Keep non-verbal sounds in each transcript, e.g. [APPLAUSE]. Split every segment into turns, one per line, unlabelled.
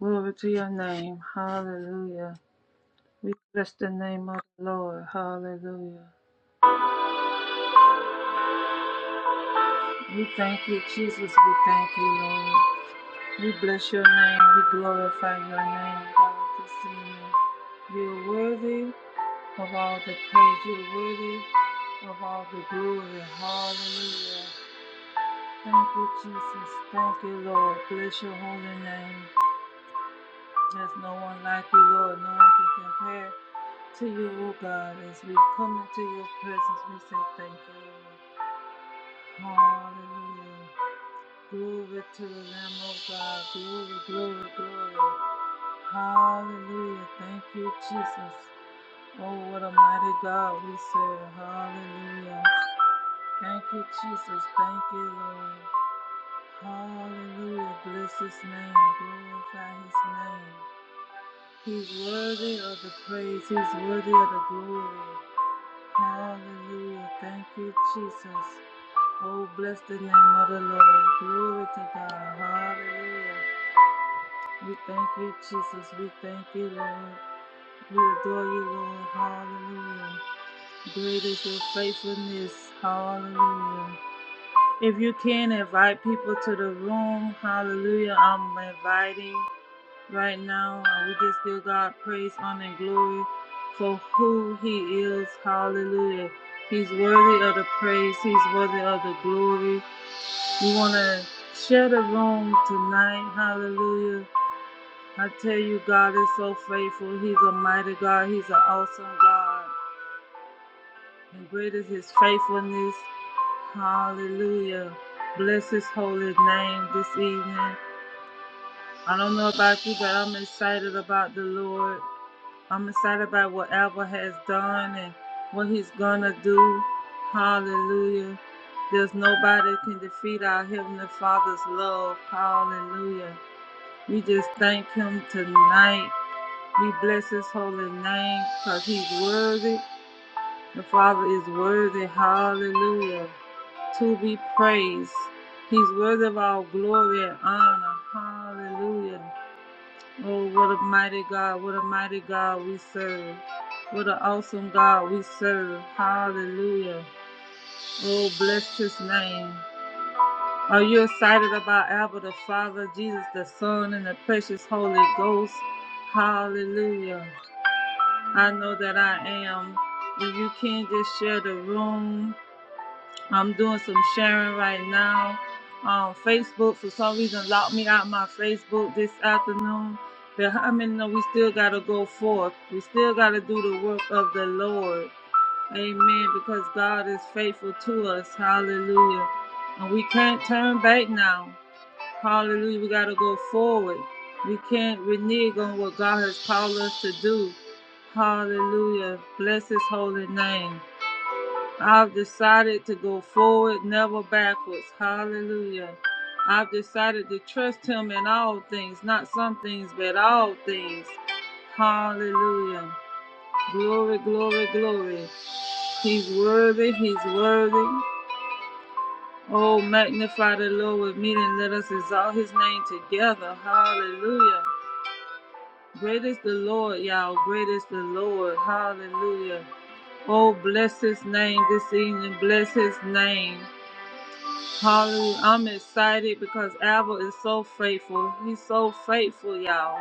Glory to your name. Hallelujah. We bless the name of the Lord. Hallelujah. We thank you, Jesus. We thank you, Lord. We bless your name. We glorify your name, God, this evening. You're worthy of all the praise. You're worthy of all the glory. Hallelujah. Thank you, Jesus. Thank you, Lord. Bless your holy name. There's no one like you, Lord. No one can compare to you, O God, as we come into your presence, we say thank you. Lord. Hallelujah. Glory to the Lamb, O God. Glory, glory, glory. Hallelujah. Thank you, Jesus. Oh, what a mighty God we serve. Hallelujah. Thank you, Jesus. Thank you, Lord. Hallelujah. Bless his name. Glorify his name. He's worthy of the praise. He's worthy of the glory. Hallelujah. Thank you, Jesus. Oh, bless the name of the Lord. Glory to God. Hallelujah. We thank you, Jesus. We thank you, Lord. We adore you, Lord. Hallelujah. Great is your faithfulness. Hallelujah. If you can invite people to the room, hallelujah. I'm inviting right now. Uh, we just give God praise, honor, and glory for who He is. Hallelujah. He's worthy of the praise, He's worthy of the glory. We want to share the room tonight. Hallelujah. I tell you, God is so faithful. He's a mighty God, He's an awesome God. And great is His faithfulness. Hallelujah. Bless His holy name this evening. I don't know about you, but I'm excited about the Lord. I'm excited about what Alba has done and what he's gonna do. Hallelujah. There's nobody can defeat our Heavenly Father's love. Hallelujah. We just thank him tonight. We bless his holy name because he's worthy. The Father is worthy. Hallelujah. To be praised. He's worthy of all glory and honor. Hallelujah. Oh, what a mighty God, what a mighty God we serve. What an awesome God we serve. Hallelujah. Oh, bless his name. Are you excited about Abba the Father, Jesus the Son, and the precious Holy Ghost? Hallelujah. I know that I am. If you can, just share the room. I'm doing some sharing right now on Facebook. For some reason, locked me out my Facebook this afternoon. But how many know we still got to go forth? We still got to do the work of the Lord. Amen. Because God is faithful to us. Hallelujah. And we can't turn back now. Hallelujah. We got to go forward. We can't renege on what God has called us to do. Hallelujah. Bless his holy name. I've decided to go forward, never backwards. Hallelujah. I've decided to trust him in all things, not some things, but all things. Hallelujah. Glory, glory, glory. He's worthy, he's worthy. Oh, magnify the Lord with me and let us exalt his name together. Hallelujah. Great is the Lord, y'all. Great is the Lord. Hallelujah. Oh, bless his name this evening. Bless his name. Hallelujah. I'm excited because Abel is so faithful. He's so faithful, y'all.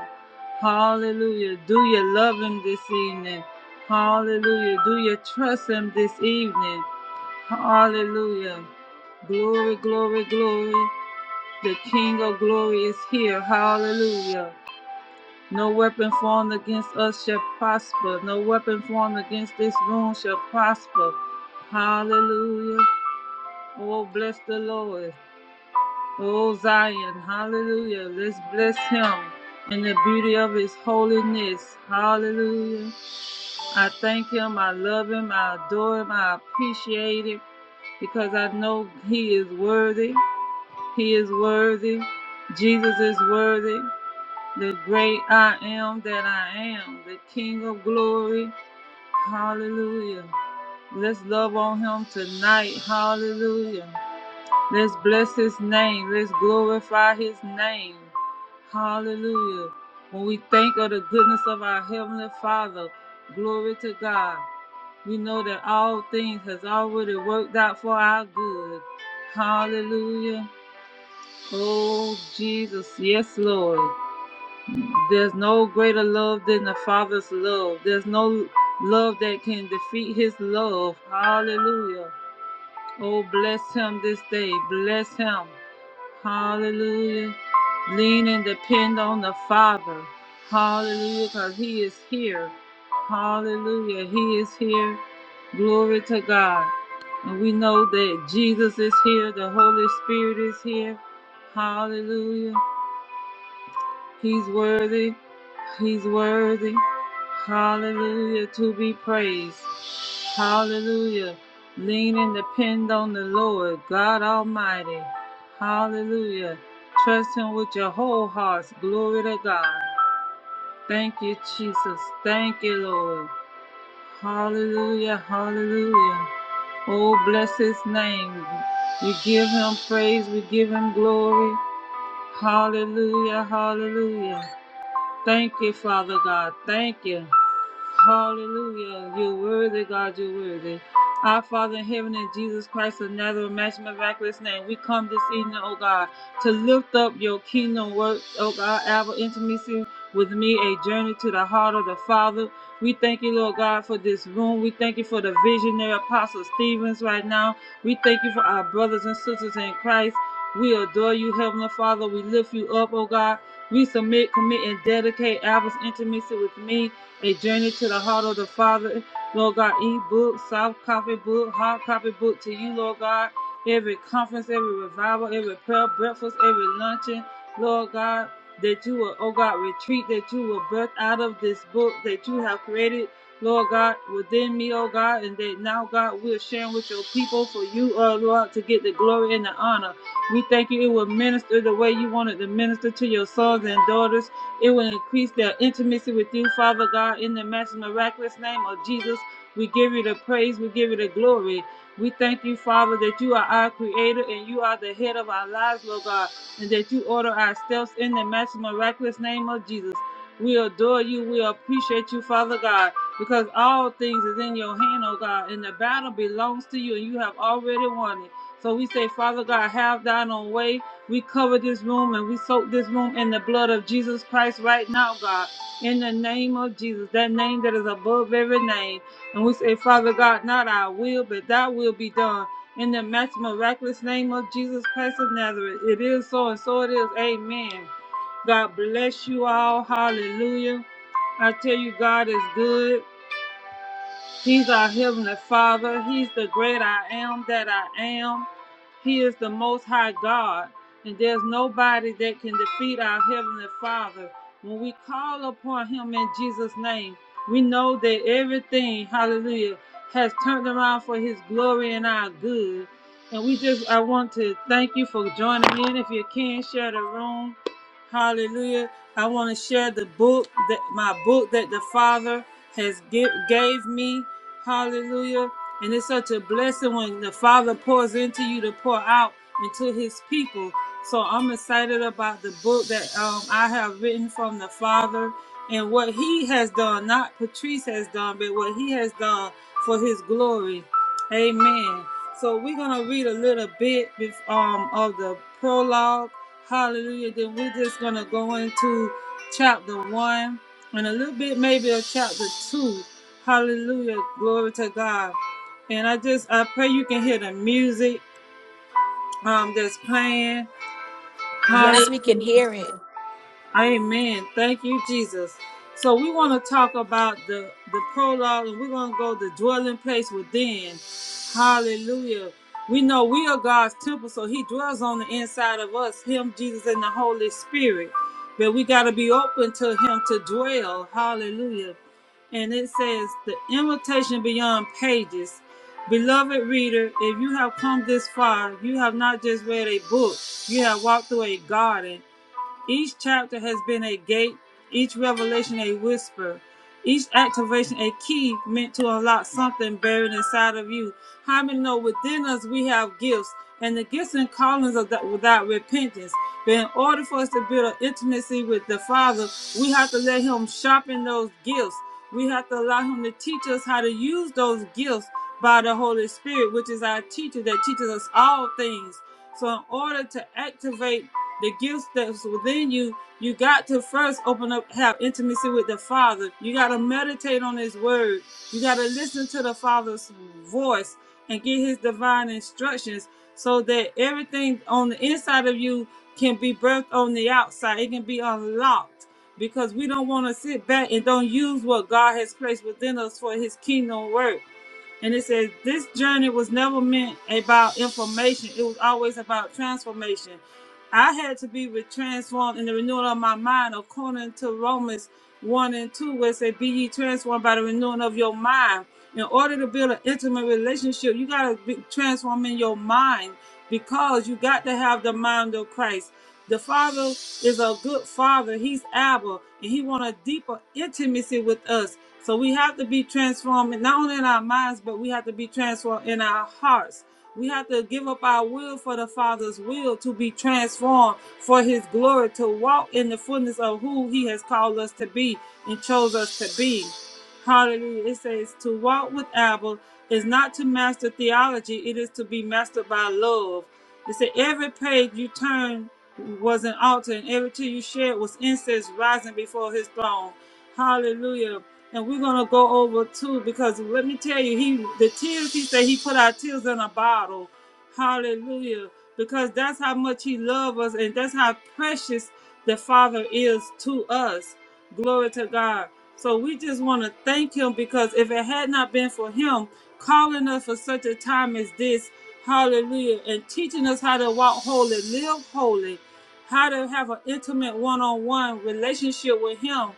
Hallelujah. Do you love him this evening? Hallelujah. Do you trust him this evening? Hallelujah. Glory, glory, glory. The King of glory is here. Hallelujah. No weapon formed against us shall prosper. No weapon formed against this room shall prosper. Hallelujah. Oh, bless the Lord. O Zion, hallelujah. Let's bless him in the beauty of his holiness. Hallelujah. I thank him. I love him. I adore him. I appreciate him because I know he is worthy. He is worthy. Jesus is worthy. The great I am that I am, the King of glory. Hallelujah. Let's love on him tonight. Hallelujah. Let's bless his name. Let's glorify his name. Hallelujah. When we think of the goodness of our heavenly Father, glory to God. We know that all things has already worked out for our good. Hallelujah. Oh Jesus, yes Lord. There's no greater love than the Father's love. There's no love that can defeat his love. Hallelujah. Oh, bless him this day. Bless him. Hallelujah. Lean and depend on the Father. Hallelujah, because He is here. Hallelujah. He is here. Glory to God. And we know that Jesus is here. The Holy Spirit is here. Hallelujah. He's worthy. He's worthy. Hallelujah. To be praised. Hallelujah. Lean and depend on the Lord, God Almighty. Hallelujah. Trust Him with your whole heart. Glory to God. Thank you, Jesus. Thank you, Lord. Hallelujah. Hallelujah. Oh, bless His name. We give Him praise. We give Him glory. Hallelujah. Hallelujah. Thank you, Father God. Thank you. Hallelujah. You're worthy, God, you're worthy. Our Father in heaven, in Jesus Christ of Nazareth, match miraculous name, we come this evening, oh God, to lift up your kingdom work, oh God, our intimacy with me, a journey to the heart of the Father. We thank you, Lord God, for this room. We thank you for the visionary Apostle Stevens right now. We thank you for our brothers and sisters in Christ. We adore you, Heavenly Father. We lift you up, oh God. We submit, commit, and dedicate Alva's intimacy with me a Journey to the Heart of the Father, Lord God, e-book, soft copy book, hard copy book to you, Lord God. Every conference, every revival, every prayer breakfast, every luncheon, Lord God, that you will, oh God, retreat, that you will birth out of this book that you have created, Lord God, within me, oh God, and that now, God, we're sharing with your people for you, oh Lord, to get the glory and the honor. We thank you it will minister the way you wanted to minister to your sons and daughters. It will increase their intimacy with you, Father God, in the massive miraculous name of Jesus. We give you the praise, we give you the glory. We thank you, Father, that you are our creator and you are the head of our lives, Lord God, and that you order our steps in the massive miraculous name of Jesus. We adore you, we appreciate you, Father God, because all things is in your hand, oh God, and the battle belongs to you, and you have already won it. So we say, Father God, have thine own way we cover this room and we soak this room in the blood of Jesus Christ right now, God. In the name of Jesus, that name that is above every name. And we say, Father God, not our will, but thy will be done. In the match miraculous name of Jesus Christ of Nazareth. It is so and so it is. Amen. God bless you all. Hallelujah. I tell you, God is good. He's our Heavenly Father. He's the great I am that I am. He is the Most High God, and there's nobody that can defeat our Heavenly Father. When we call upon Him in Jesus' name, we know that everything, hallelujah, has turned around for His glory and our good. And we just, I want to thank you for joining in. If you can, share the room. Hallelujah. I want to share the book that my book that the Father has give, gave me. Hallelujah. And it's such a blessing when the Father pours into you to pour out into His people. So I'm excited about the book that um, I have written from the Father and what He has done, not Patrice has done, but what He has done for His glory. Amen. So we're going to read a little bit um, of the prologue. Hallelujah. Then we're just going to go into chapter one and a little bit maybe of chapter two. Hallelujah. Glory to God. And I just I pray you can hear the music um that's playing. Hallelujah.
Yes, we can hear it.
Amen. Thank you, Jesus. So we want to talk about the the prologue, and we're going to go to the dwelling place within. Hallelujah. We know we are God's temple, so He dwells on the inside of us, Him, Jesus, and the Holy Spirit. But we got to be open to Him to dwell. Hallelujah. And it says, The invitation beyond pages. Beloved reader, if you have come this far, you have not just read a book, you have walked through a garden each chapter has been a gate, each revelation a whisper, each activation a key meant to unlock something buried inside of you. How many know within us we have gifts, and the gifts and callings are without repentance? But in order for us to build an intimacy with the Father, we have to let Him sharpen those gifts. We have to allow Him to teach us how to use those gifts by the Holy Spirit, which is our teacher that teaches us all things. So, in order to activate the gifts that's within you, you got to first open up, have intimacy with the Father. You got to meditate on His Word. You got to listen to the Father's voice and get His divine instructions so that everything on the inside of you can be birthed on the outside. It can be unlocked because we don't want to sit back and don't use what God has placed within us for His kingdom work. And it says, This journey was never meant about information, it was always about transformation. I had to be with transformed in the renewal of my mind according to Romans 1 and 2, where it says, Be ye transformed by the renewing of your mind. In order to build an intimate relationship, you got to be transformed in your mind because you got to have the mind of Christ. The Father is a good Father. He's Abba, and He wants a deeper intimacy with us. So we have to be transformed, not only in our minds, but we have to be transformed in our hearts. We have to give up our will for the Father's will to be transformed for His glory, to walk in the fullness of who He has called us to be and chose us to be. Hallelujah. It says to walk with Abel is not to master theology, it is to be mastered by love. It said every page you turned was an altar, and every tear you shed was incense rising before His throne. Hallelujah. And we're gonna go over too because let me tell you, he the tears he said he put our tears in a bottle. Hallelujah. Because that's how much he loves us and that's how precious the Father is to us. Glory to God. So we just want to thank him because if it had not been for him calling us for such a time as this, hallelujah, and teaching us how to walk holy, live holy, how to have an intimate one on one relationship with him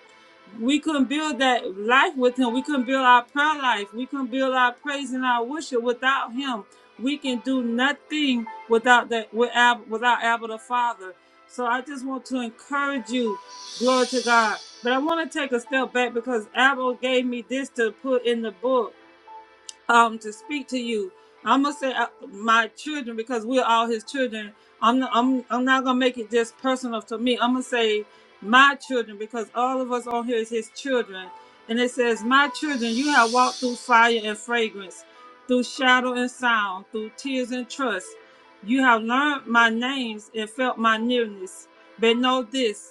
we couldn't build that life with him. We couldn't build our prayer life. We couldn't build our praise and our worship without him. We can do nothing without that without without Abba the Father. So I just want to encourage you, glory to God. But I want to take a step back because Abba gave me this to put in the book um, to speak to you. I'm gonna say uh, my children because we're all his children. I'm not, I'm I'm not gonna make it just personal to me. I'm gonna say my children because all of us on here is his children. And it says, "My children, you have walked through fire and fragrance, through shadow and sound, through tears and trust. You have learned my names and felt my nearness. But know this."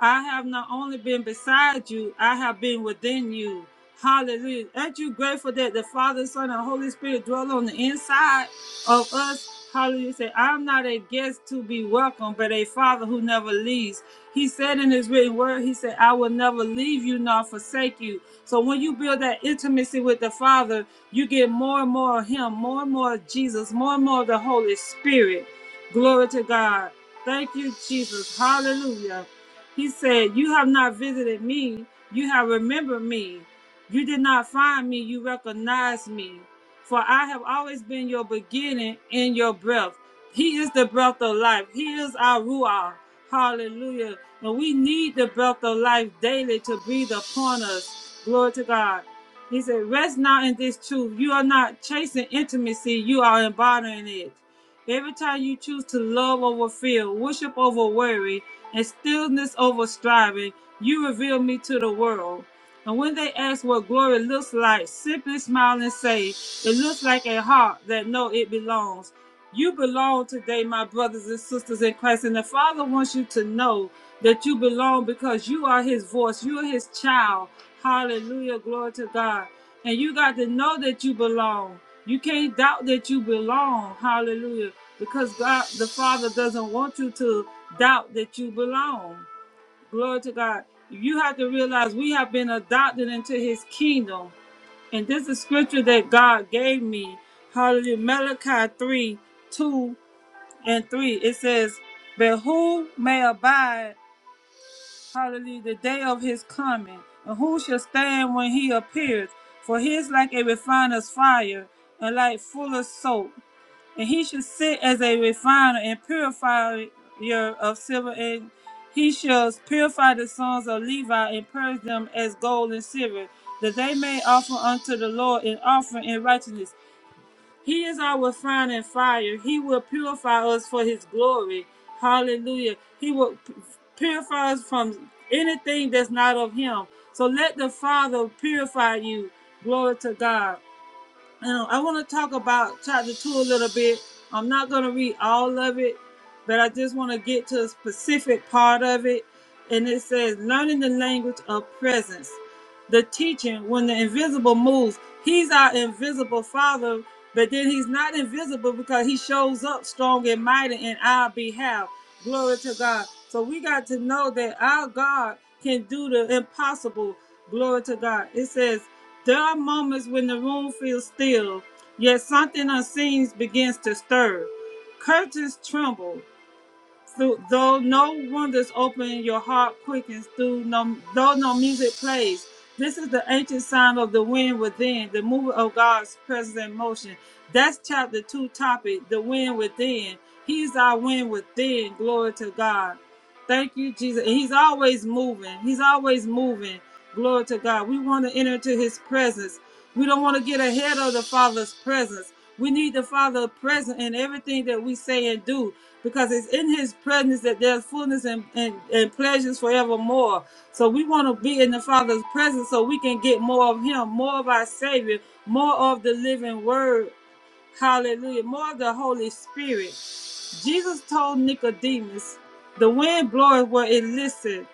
I have not only been beside you, I have been within you. Hallelujah. Aren't you grateful that the Father, Son, and Holy Spirit dwell on the inside of us? Hallelujah. Say, I'm not a guest to be welcomed, but a Father who never leaves. He said in his written word, He said, I will never leave you nor forsake you. So when you build that intimacy with the Father, you get more and more of Him, more and more of Jesus, more and more of the Holy Spirit. Glory to God. Thank you, Jesus. Hallelujah. He said, You have not visited me, you have remembered me. You did not find me, you recognized me. For I have always been your beginning and your breath. He is the breath of life. He is our Ruah. Hallelujah. And we need the breath of life daily to breathe upon us. Glory to God. He said, Rest now in this truth. You are not chasing intimacy, you are embodying it. Every time you choose to love over fear, worship over worry, and stillness over striving, you reveal me to the world. And when they ask what glory looks like, simply smile and say, It looks like a heart that know it belongs. You belong today, my brothers and sisters in Christ. And the Father wants you to know that you belong because you are His voice. You are His child. Hallelujah. Glory to God. And you got to know that you belong. You can't doubt that you belong. Hallelujah. Because God, the Father, doesn't want you to doubt that you belong. Glory to God. You have to realize we have been adopted into His kingdom. And this is scripture that God gave me. Hallelujah. Malachi 3 2 and 3, it says, But who may abide, hallelujah, the day of his coming? And who shall stand when he appears? For he is like a refiner's fire and like fuller's soap. And he shall sit as a refiner and purifier of silver. And he shall purify the sons of Levi and purge them as gold and silver, that they may offer unto the Lord an offering in righteousness. He is our refining fire. He will purify us for His glory. Hallelujah. He will purify us from anything that's not of Him. So let the Father purify you. Glory to God. And uh, I want to talk about chapter 2 a little bit. I'm not going to read all of it, but I just want to get to a specific part of it. And it says, learning the language of presence the teaching when the invisible moves. He's our invisible father, but then he's not invisible because he shows up strong and mighty in our behalf. Glory to God. So we got to know that our God can do the impossible. Glory to God. It says, There are moments when the room feels still, yet something unseen begins to stir. Curtains tremble, through, though no wonders open, your heart quickens. Through no, though no music plays, this is the ancient sound of the wind within, the movement of God's presence in motion. That's chapter two topic, the wind within. He's our wind within. Glory to God. Thank you, Jesus. And he's always moving. He's always moving. Glory to God. We want to enter into his presence. We don't want to get ahead of the Father's presence. We need the Father present in everything that we say and do because it's in his presence that there's fullness and, and, and pleasures forevermore. So we want to be in the Father's presence so we can get more of him, more of our Savior, more of the living word. Hallelujah. More of the Holy Spirit. Jesus told Nicodemus, The wind bloweth where it listeth,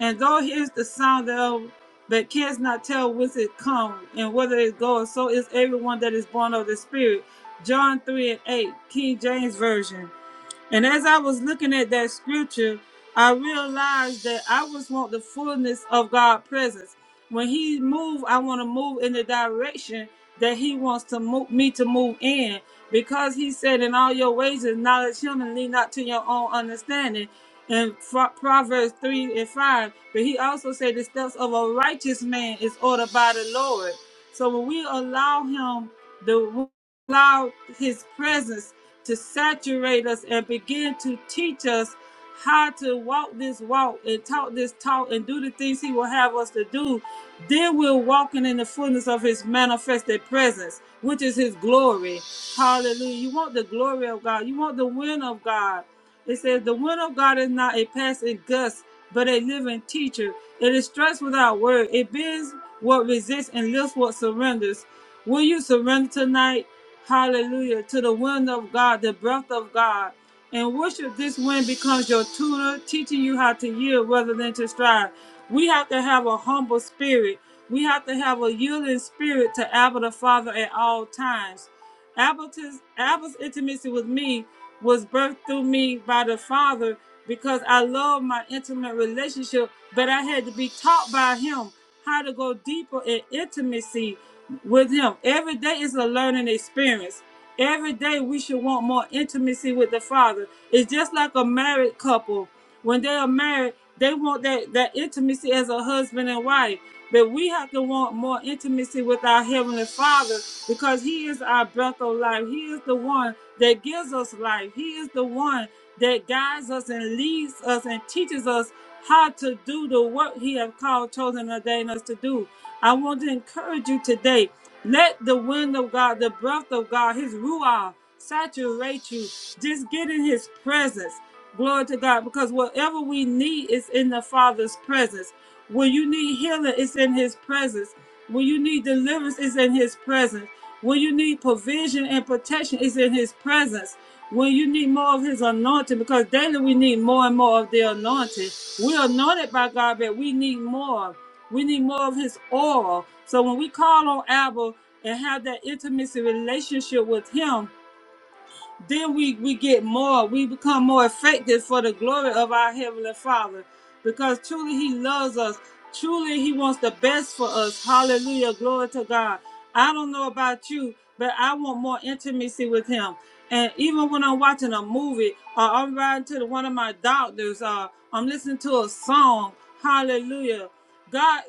and thou hearest the sound thereof, but canst not tell whence it comes and whither it goes. So is everyone that is born of the Spirit. John 3 and 8, King James Version. And as I was looking at that scripture, I realized that I just want the fullness of God's presence. When He move, I want to move in the direction that He wants to move me to move in. Because He said, "In all your ways acknowledge Him, and lean not to your own understanding." In Pro- Proverbs three and five, but He also said, "The steps of a righteous man is ordered by the Lord." So when we allow Him, the allow His presence to saturate us and begin to teach us how to walk this walk and talk this talk and do the things he will have us to do, then we're walking in the fullness of his manifested presence, which is his glory. Hallelujah. You want the glory of God, you want the wind of God. It says, The wind of God is not a passing gust, but a living teacher. It instructs without word, it bends what resists and lifts what surrenders. Will you surrender tonight? Hallelujah. To the wind of God, the breath of God. And worship this wind becomes your tutor, teaching you how to yield rather than to strive. We have to have a humble spirit. We have to have a yielding spirit to Abba the Father at all times. Abba's, Abba's intimacy with me was birthed through me by the Father because I love my intimate relationship, but I had to be taught by him how to go deeper in intimacy with Him. Every day is a learning experience. Every day we should want more intimacy with the Father. It's just like a married couple. When they are married, they want that, that intimacy as a husband and wife. But we have to want more intimacy with our Heavenly Father because He is our breath of life. He is the one that gives us life. He is the one that guides us and leads us and teaches us how to do the work he has called, chosen, and ordained us to do. I want to encourage you today. Let the wind of God, the breath of God, His Ruah saturate you. Just get in His presence. Glory to God. Because whatever we need is in the Father's presence. When you need healing, it's in His presence. When you need deliverance, it's in His presence. When you need provision and protection, it's in His presence. When you need more of His anointing, because daily we need more and more of the anointing. We're anointed by God, but we need more. We need more of his oil. So when we call on Abba and have that intimacy relationship with him, then we we get more we become more effective for the glory of our heavenly father because truly he loves us truly he wants the best for us hallelujah glory to god i don't know about you but i want more intimacy with him and even when i'm watching a movie or i'm riding to the, one of my doctors or i'm listening to a song hallelujah god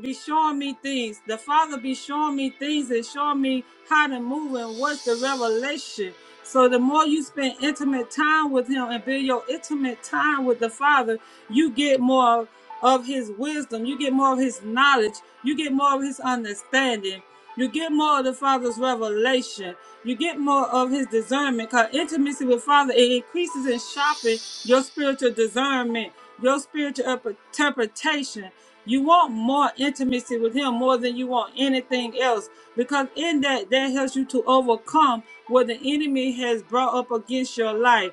be showing me things the father be showing me things and showing me how to move and what's the revelation so the more you spend intimate time with him and build your intimate time with the Father, you get more of his wisdom, you get more of his knowledge, you get more of his understanding, you get more of the Father's revelation. You get more of his discernment because intimacy with Father it increases and sharpens your spiritual discernment, your spiritual up- interpretation. You want more intimacy with him more than you want anything else because in that that helps you to overcome what the enemy has brought up against your life.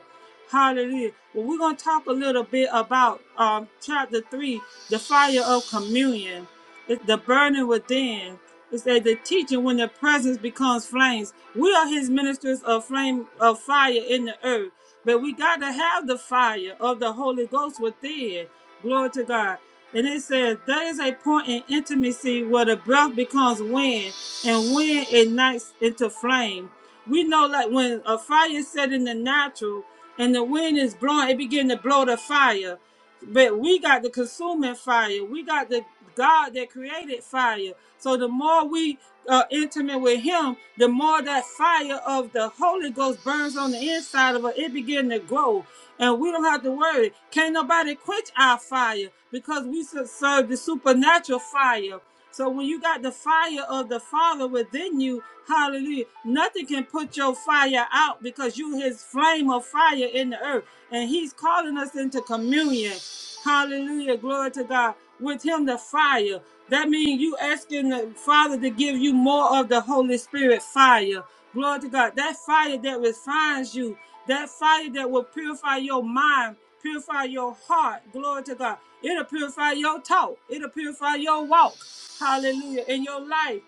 Hallelujah. Well, we're going to talk a little bit about um, chapter 3, the fire of communion. It's the burning within. It says the teaching when the presence becomes flames. We are his ministers of flame of fire in the earth. But we got to have the fire of the Holy Ghost within. Glory to God. And it says, there is a point in intimacy where the breath becomes wind and wind ignites into flame. We know like when a fire is set in the natural and the wind is blowing, it begin to blow the fire. But we got the consuming fire. We got the God that created fire. So the more we are intimate with Him, the more that fire of the Holy Ghost burns on the inside of us. It begin to grow, and we don't have to worry. Can't nobody quench our fire because we serve the supernatural fire. So when you got the fire of the Father within you, hallelujah, nothing can put your fire out because you his flame of fire in the earth. And he's calling us into communion. Hallelujah. Glory to God. With him the fire. That means you asking the Father to give you more of the Holy Spirit fire. Glory to God. That fire that refines you. That fire that will purify your mind, purify your heart. Glory to God. It'll purify your talk. It'll purify your walk. Hallelujah. In your life.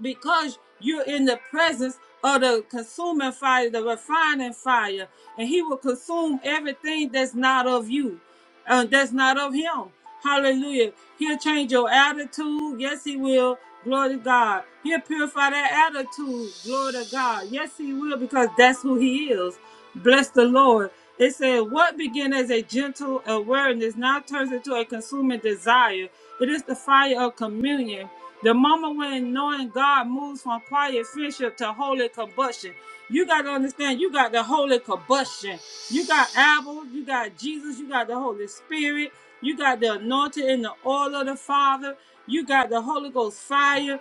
Because you're in the presence of the consuming fire, the refining fire. And he will consume everything that's not of you. uh, that's not of him. Hallelujah. He'll change your attitude. Yes, he will. Glory to God. He'll purify that attitude. Glory to God. Yes, he will, because that's who he is. Bless the Lord. It said, What began as a gentle awareness now turns into a consuming desire. It is the fire of communion. The moment when knowing God moves from quiet friendship to holy combustion. You got to understand, you got the holy combustion. You got Abel, you got Jesus, you got the Holy Spirit, you got the anointing and the oil of the Father, you got the Holy Ghost fire.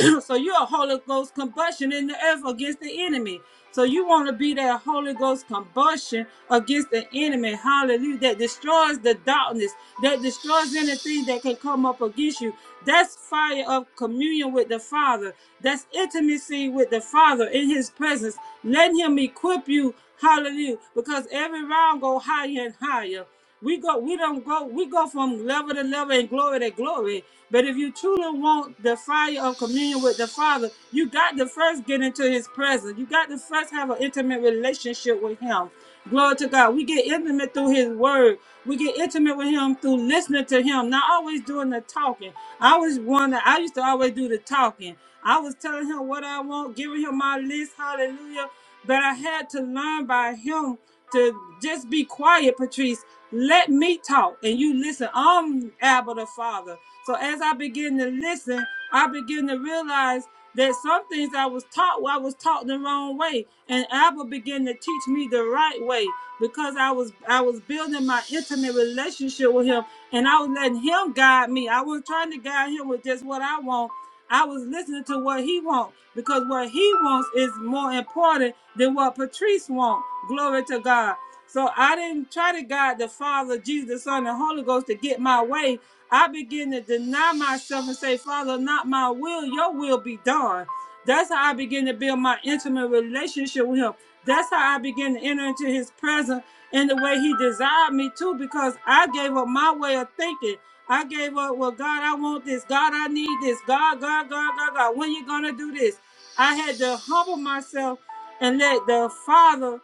[CLEARS THROAT] so you're a Holy Ghost combustion in the earth against the enemy. So you want to be that Holy Ghost combustion against the enemy, hallelujah, that destroys the darkness, that destroys anything that can come up against you. That's fire of communion with the Father. That's intimacy with the Father in His presence. Let Him equip you, hallelujah, because every round go higher and higher. We go, we don't go, we go from level to level and glory to glory. But if you truly want the fire of communion with the Father, you got to first get into His presence. You got to first have an intimate relationship with Him. Glory to God. We get intimate through His Word. We get intimate with Him through listening to Him, not always doing the talking. I was one that I used to always do the talking. I was telling Him what I want, giving Him my list. Hallelujah. But I had to learn by Him to just be quiet, Patrice. Let me talk and you listen. I'm Abba the Father. So as I begin to listen, I begin to realize that some things I was taught, well, I was taught the wrong way. And Abba began to teach me the right way because I was I was building my intimate relationship with him and I was letting him guide me. I wasn't trying to guide him with just what I want. I was listening to what he wants because what he wants is more important than what Patrice wants. Glory to God. So I didn't try to guide the Father, Jesus, the Son, and Holy Ghost to get my way. I began to deny myself and say, Father, not my will, your will be done. That's how I began to build my intimate relationship with him. That's how I began to enter into his presence in the way he desired me to, because I gave up my way of thinking. I gave up, well, God, I want this. God, I need this. God, God, God, God, God, when you gonna do this? I had to humble myself and let the Father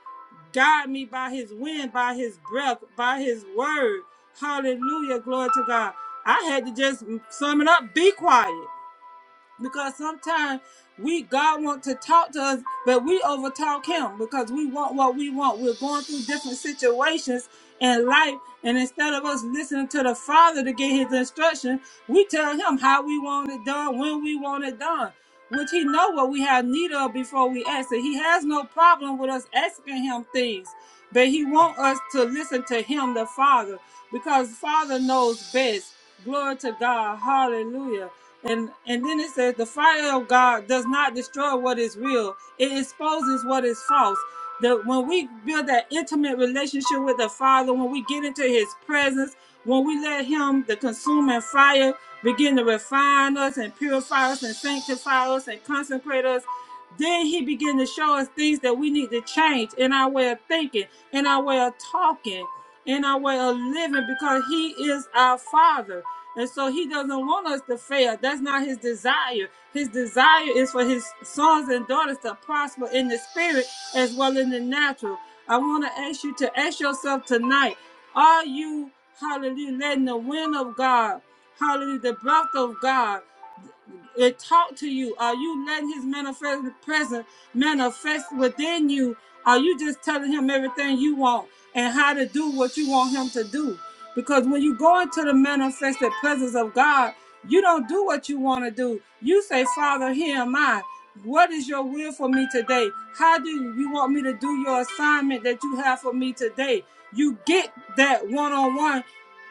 guide me by his wind, by his breath, by his word. Hallelujah. Glory to God. I had to just sum it up. Be quiet because sometimes we God wants to talk to us, but we overtalk Him because we want what we want. We're going through different situations in life, and instead of us listening to the Father to get His instruction, we tell Him how we want it done, when we want it done, which He know what we have need of before we ask it. He has no problem with us asking Him things, but He want us to listen to Him, the Father, because Father knows best. Glory to God. Hallelujah. And and then it says the fire of God does not destroy what is real. It exposes what is false. The when we build that intimate relationship with the Father, when we get into his presence, when we let him, the consuming fire, begin to refine us and purify us and sanctify us and consecrate us, then he begin to show us things that we need to change in our way of thinking, in our way of talking in our way of living because he is our father. And so he doesn't want us to fail. That's not his desire. His desire is for his sons and daughters to prosper in the spirit as well in the natural. I want to ask you to ask yourself tonight, are you, hallelujah, letting the wind of God, hallelujah, the breath of God, it talk to you? Are you letting his manifest presence manifest within you? Are you just telling him everything you want and how to do what you want him to do? Because when you go into the manifested presence of God, you don't do what you want to do. You say, Father, here am I. What is your will for me today? How do you want me to do your assignment that you have for me today? You get that one on one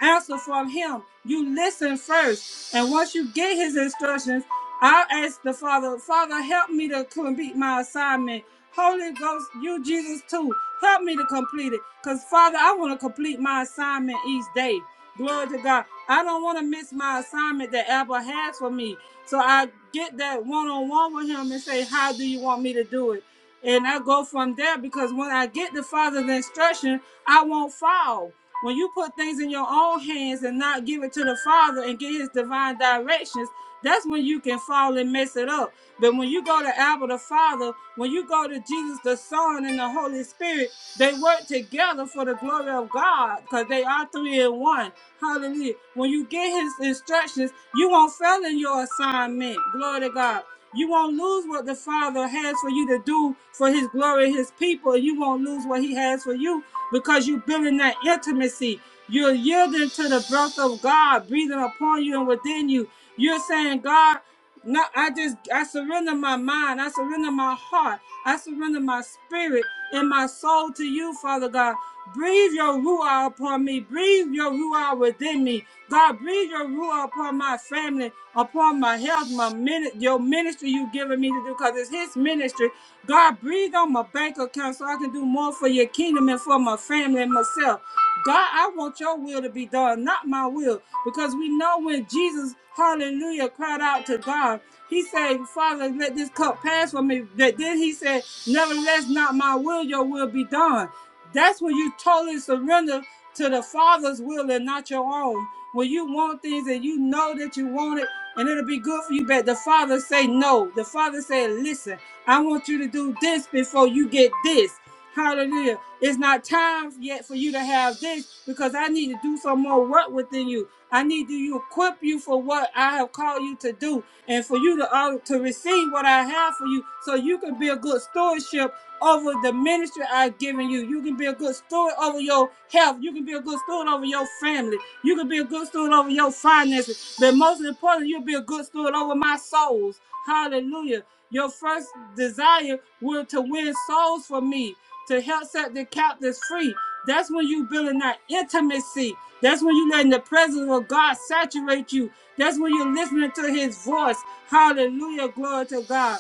answer from him. You listen first. And once you get his instructions, I ask the Father, Father, help me to complete my assignment. Holy Ghost, you Jesus too, help me to complete it. Because Father, I want to complete my assignment each day. Glory to God. I don't want to miss my assignment that Abba has for me. So I get that one on one with him and say, How do you want me to do it? And I go from there because when I get the Father's instruction, I won't fall. When you put things in your own hands and not give it to the Father and get His divine directions, that's when you can fall and mess it up. But when you go to Abba the Father, when you go to Jesus the Son and the Holy Spirit, they work together together for the glory of God because they are three in one. Hallelujah. When you get his instructions, you won't fail in your assignment. Glory to God. You won't lose what the Father has for you to do for his glory his people. You won't lose what he has for you because you're building that intimacy. You're yielding to the breath of God breathing upon you and within you. You're saying, God, no, I just I surrender my mind, I surrender my heart, I surrender my spirit and my soul to you, Father God. Breathe your ruah upon me, breathe your ruah within me. God, breathe your ruah upon my family, upon my health, my min your ministry you've given me to do, because it's his ministry. God, breathe on it on my bank account so I can do more for your kingdom and for my family and myself. God, I want your will to be done, not my will. Because we know when Jesus, hallelujah, cried out to God, he said, Father, let this cup pass from me. But then he said, Nevertheless, not my will, your will be done. That's when you totally surrender to the Father's will and not your own. When you want things and you know that you want it and it'll be good for you, but the Father say no. The Father said, listen. I want you to do this before you get this. Hallelujah. It's not time yet for you to have this because I need to do some more work within you. I need to equip you for what I have called you to do and for you to uh, to receive what I have for you, so you can be a good stewardship over the ministry I've given you. You can be a good steward over your health. You can be a good steward over your family. You can be a good steward over your finances. But most importantly, you'll be a good steward over my souls. Hallelujah. Your first desire will to win souls for me to help set the captives free. That's when you building that intimacy. That's when you letting the presence of God saturate you. That's when you're listening to his voice. Hallelujah. Glory to God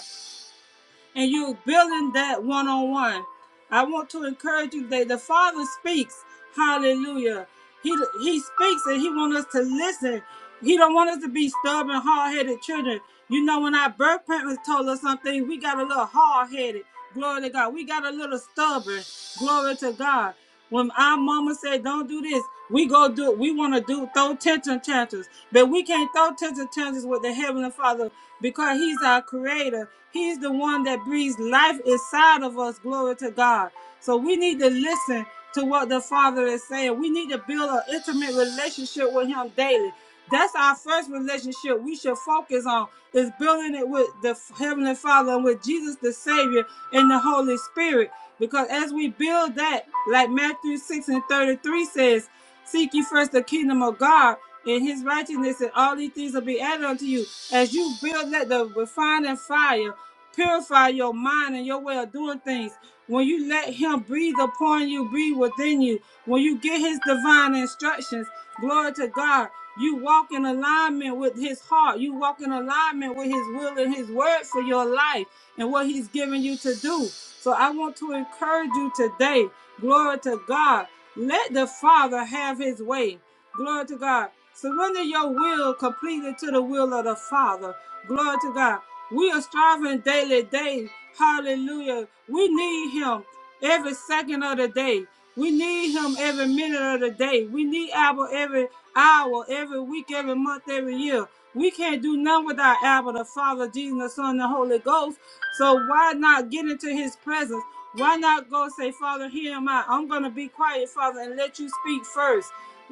and you building that one on one. I want to encourage you that the Father speaks. Hallelujah. He he speaks and he wants us to listen. He don't want us to be stubborn, hard headed children. You know, when our birth parents told us something, we got a little hard headed. Glory to God. We got a little stubborn. Glory to God. When our mama said, "Don't do this," we go do. it. We want to do throw tension tantrums, but we can't throw tension tantrums with the heavenly Father because He's our Creator. He's the one that breathes life inside of us. Glory to God. So we need to listen to what the Father is saying. We need to build an intimate relationship with Him daily. That's our first relationship we should focus on is building it with the Heavenly Father and with Jesus the Savior and the Holy Spirit. Because as we build that, like Matthew 6 and 33 says, seek ye first the kingdom of God and his righteousness, and all these things will be added unto you. As you build that the refining fire purify your mind and your way of doing things. When you let Him breathe upon you, breathe within you, when you get His divine instructions, glory to God, you walk in alignment with His heart. You walk in alignment with His will and His word for your life and what He's given you to do. So I want to encourage you today, glory to God, let the Father have His way. Glory to God. Surrender your will completely to the will of the Father. Glory to God. We are striving daily, day. Hallelujah. We need Him every second of the day. We need Him every minute of the day. We need Abba every hour, every week, every month, every year. We can't do none without Abba, the Father, Jesus, the Son, and the Holy Ghost. So why not get into His presence? Why not go say, Father, here am I. I'm going to be quiet, Father, and let you speak first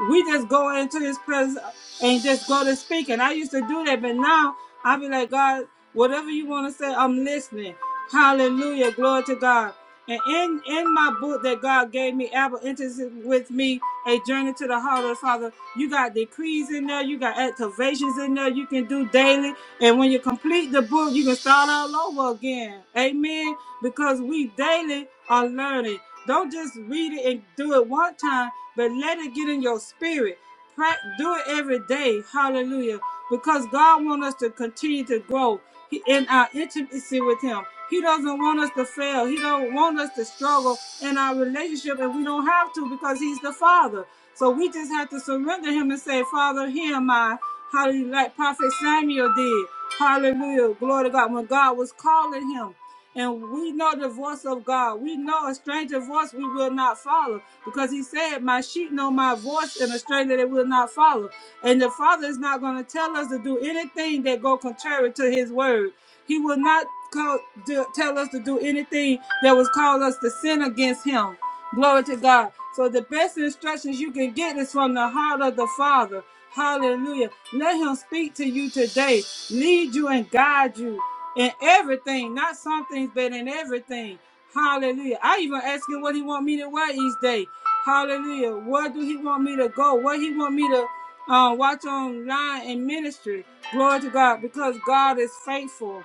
we just go into this place and just go to speak. And I used to do that, but now I be like, God, whatever you want to say, I'm listening. Hallelujah, glory to God. And in in my book that God gave me, Abel enters with me a journey to the heart of the Father. You got decrees in there, you got activations in there. You can do daily. And when you complete the book, you can start all over again. Amen. Because we daily are learning. Don't just read it and do it one time, but let it get in your spirit. Do it every day. Hallelujah. Because God wants us to continue to grow in our intimacy with Him. He doesn't want us to fail. He don't want us to struggle in our relationship, and we don't have to because He's the Father. So we just have to surrender Him and say, Father, here am I. Hallelujah. Like Prophet Samuel did. Hallelujah. Glory to God. When God was calling him. And we know the voice of God. We know a stranger voice we will not follow because He said, My sheep know my voice, and a stranger they will not follow. And the Father is not going to tell us to do anything that go contrary to His word. He will not call, do, tell us to do anything that would called us to sin against Him. Glory to God. So the best instructions you can get is from the heart of the Father. Hallelujah. Let Him speak to you today, lead you and guide you in everything, not some things, but in everything. Hallelujah. I even ask him what he want me to wear each day. Hallelujah. Where do he want me to go? What he want me to uh, watch online in ministry? Glory to God, because God is faithful.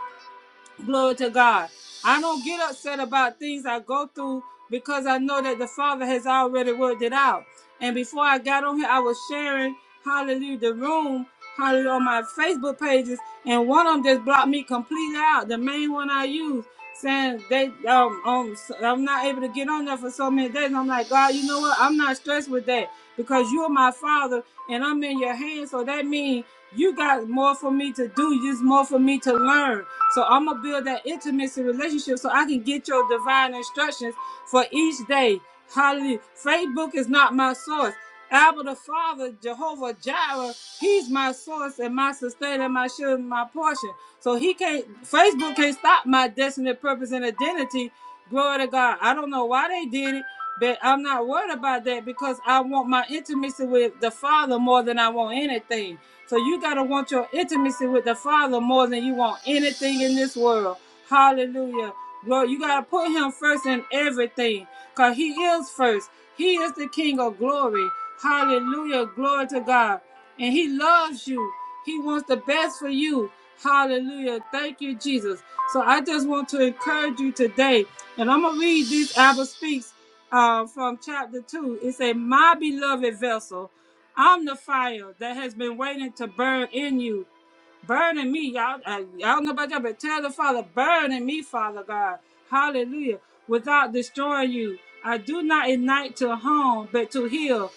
Glory to God. I don't get upset about things I go through because I know that the Father has already worked it out. And before I got on here, I was sharing Hallelujah the room, Hallelujah on my Facebook pages, and one of them just blocked me completely out. The main one I use saying they um, um so- I'm not able to get on there for so many days. And I'm like God, you know what? I'm not stressed with that because you're my Father and I'm in your hands. So that means you got more for me to do. There's more for me to learn. So I'm gonna build that intimacy relationship so I can get your divine instructions for each day. Hallelujah. Facebook is not my source. Abba the Father, Jehovah Jireh, He's my source and my sustainer, my shield, and my portion. So He can't, Facebook can't stop my destiny, purpose, and identity. Glory to God. I don't know why they did it, but I'm not worried about that because I want my intimacy with the Father more than I want anything. So you got to want your intimacy with the Father more than you want anything in this world. Hallelujah. Lord, you got to put him first in everything because he is first. He is the King of glory. Hallelujah. Glory to God. And he loves you. He wants the best for you. Hallelujah. Thank you, Jesus. So I just want to encourage you today. And I'm going to read these Abba Speaks uh, from chapter 2. It says, My beloved vessel, I'm the fire that has been waiting to burn in you burning me, y'all. Uh, y'all know about that, but tell the Father, burning me, Father God. Hallelujah. Without destroying you. I do not ignite to harm, but to heal,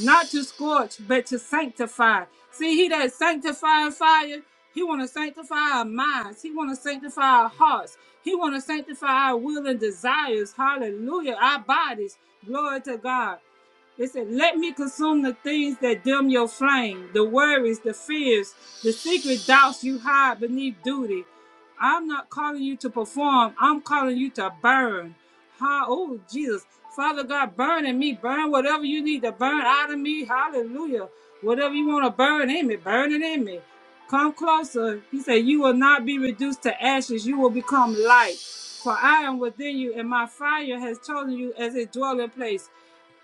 not to scorch, but to sanctify. See, he that sanctifying fire, he want to sanctify our minds. He want to sanctify our hearts. He want to sanctify our will and desires. Hallelujah. Our bodies. Glory to God. It said, Let me consume the things that dim your flame, the worries, the fears, the secret doubts you hide beneath duty. I'm not calling you to perform, I'm calling you to burn. Ha, oh, Jesus. Father God, burn in me, burn whatever you need to burn out of me. Hallelujah. Whatever you want to burn in me, burn it in me. Come closer. He said, You will not be reduced to ashes, you will become light. For I am within you, and my fire has chosen you as a dwelling place.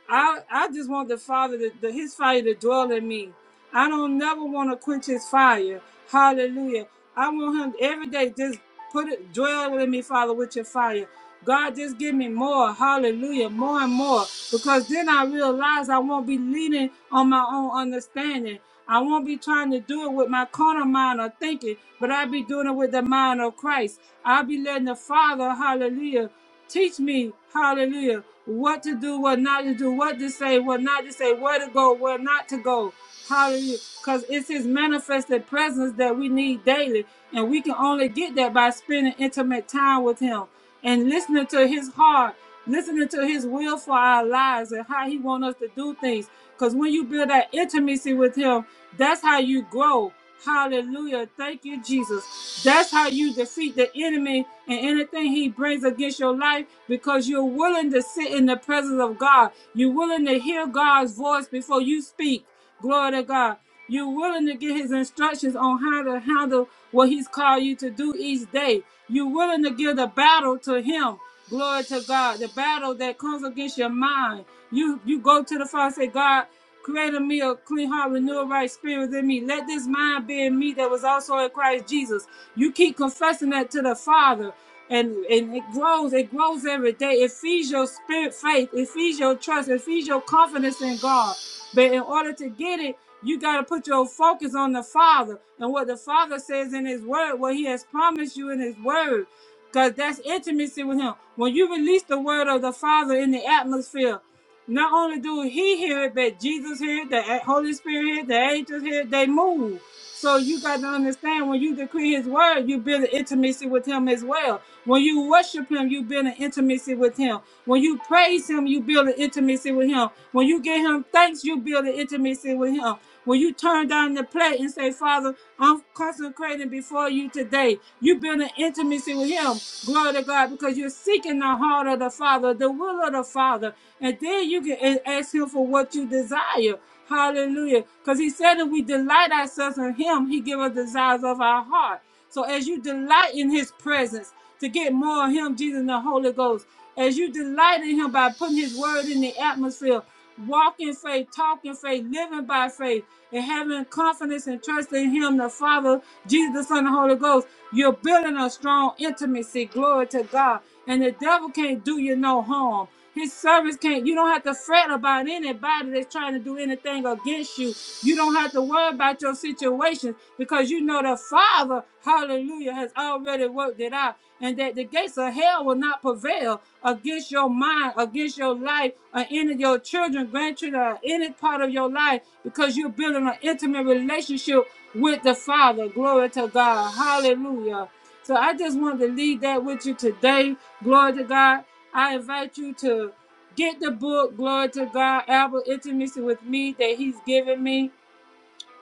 I I just want the Father, to, the, His fire to dwell in me. I don't never want to quench His fire. Hallelujah. I want Him every day. Just put it, dwell in me, Father, with Your fire. God, just give me more. Hallelujah, more and more. Because then I realize I won't be leaning on my own understanding. I won't be trying to do it with my carnal mind or thinking, but I'll be doing it with the mind of Christ. I'll be letting the Father, hallelujah. Teach me, hallelujah, what to do, what not to do, what to say, what not to say, where to go, where not to go. Hallelujah. Because it's his manifested presence that we need daily. And we can only get that by spending intimate time with him and listening to his heart, listening to his will for our lives and how he wants us to do things. Because when you build that intimacy with him, that's how you grow. Hallelujah. Thank you, Jesus. That's how you defeat the enemy and anything he brings against your life because you're willing to sit in the presence of God. You're willing to hear God's voice before you speak. Glory to God. You're willing to get his instructions on how to handle what he's called you to do each day. You're willing to give the battle to him. Glory to God. The battle that comes against your mind. You you go to the Father and say, God. Create in me a clean heart, renew a right spirit in me. Let this mind be in me that was also in Christ Jesus. You keep confessing that to the Father, and, and it grows. It grows every day. It feeds your spirit faith. It feeds your trust. It feeds your confidence in God. But in order to get it, you got to put your focus on the Father and what the Father says in His Word, what He has promised you in His Word, because that's intimacy with Him. When you release the Word of the Father in the atmosphere, not only do he hear it, but Jesus hear it, the Holy Spirit hear it, the angels hear it, they move. So you got to understand when you decree his word, you build an intimacy with him as well. When you worship him, you build an intimacy with him. When you praise him, you build an intimacy with him. When you give him thanks, you build an intimacy with him. When you turn down the plate and say, Father, I'm consecrating before you today, you build an intimacy with him. Glory to God, because you're seeking the heart of the Father, the will of the Father. And then you can a- ask him for what you desire. Hallelujah. Because he said if we delight ourselves in him, he give us desires of our heart. So as you delight in his presence to get more of him, Jesus and the Holy Ghost, as you delight in him by putting his word in the atmosphere, walk in faith, talk in faith, living by faith, and having confidence and trust in him, the Father, Jesus, the Son, and the Holy Ghost, you're building a strong intimacy. Glory to God. And the devil can't do you no harm. His service can't. You don't have to fret about anybody that's trying to do anything against you. You don't have to worry about your situation because you know the Father, hallelujah, has already worked it out. And that the gates of hell will not prevail against your mind, against your life, or any of your children, grandchildren, or any part of your life because you're building an intimate relationship with the Father. Glory to God. Hallelujah. So I just wanted to leave that with you today. Glory to God. I invite you to get the book, Glory to God, Albert Intimacy with Me, that He's given me.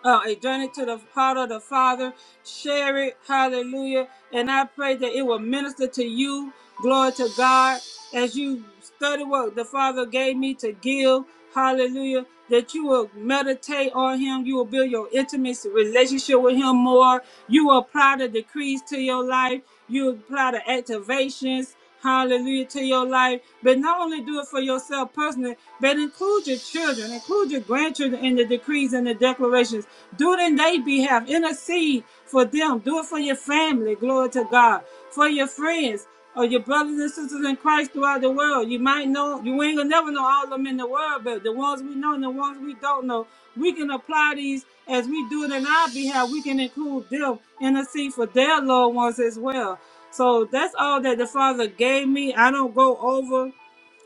Uh, a journey to the heart of the Father. Share it. Hallelujah. And I pray that it will minister to you. Glory to God. As you study what the Father gave me to give. Hallelujah. That you will meditate on Him. You will build your intimacy relationship with Him more. You will apply the decrees to your life. You apply the activations, hallelujah, to your life. But not only do it for yourself personally, but include your children, include your grandchildren in the decrees and the declarations. Do it in their behalf. Intercede for them. Do it for your family. Glory to God. For your friends or your brothers and sisters in Christ throughout the world. You might know, you ain't gonna never know all of them in the world, but the ones we know and the ones we don't know, we can apply these as we do it in our behalf. We can include them in the seat for their loved ones as well. So that's all that the Father gave me. I don't go over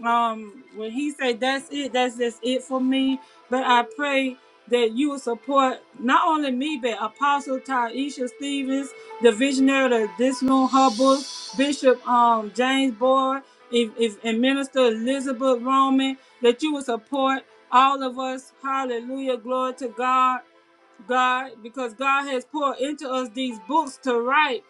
um when he said that's it that's just it for me but i pray that you will support not only me but apostle taisha stevens the visionary of this room hubble bishop um james boyd if, if, and minister elizabeth roman that you will support all of us hallelujah glory to god god because god has poured into us these books to write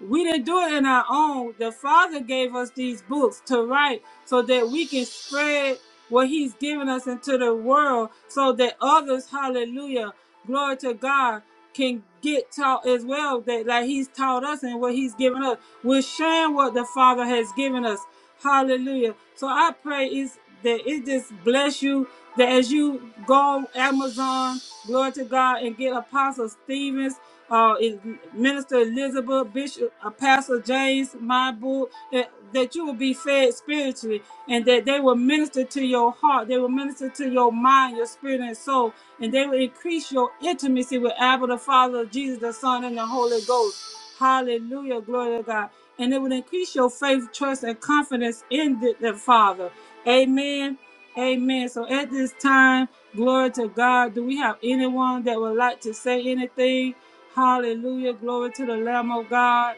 we didn't do it in our own. The Father gave us these books to write so that we can spread what He's given us into the world so that others, hallelujah, glory to God, can get taught as well that like He's taught us and what He's given us. We're sharing what the Father has given us. Hallelujah. So I pray is that it just bless you that as you go on Amazon, glory to God, and get Apostle Stevens uh, is Minister Elizabeth, Bishop, uh, Pastor James, my book, that, that you will be fed spiritually and that they will minister to your heart. They will minister to your mind, your spirit, and soul. And they will increase your intimacy with Abba, the Father, Jesus, the Son, and the Holy Ghost. Hallelujah. Glory to God. And it will increase your faith, trust, and confidence in the, the Father. Amen. Amen. So at this time, glory to God. Do we have anyone that would like to say anything? Hallelujah. Glory to the Lamb of God.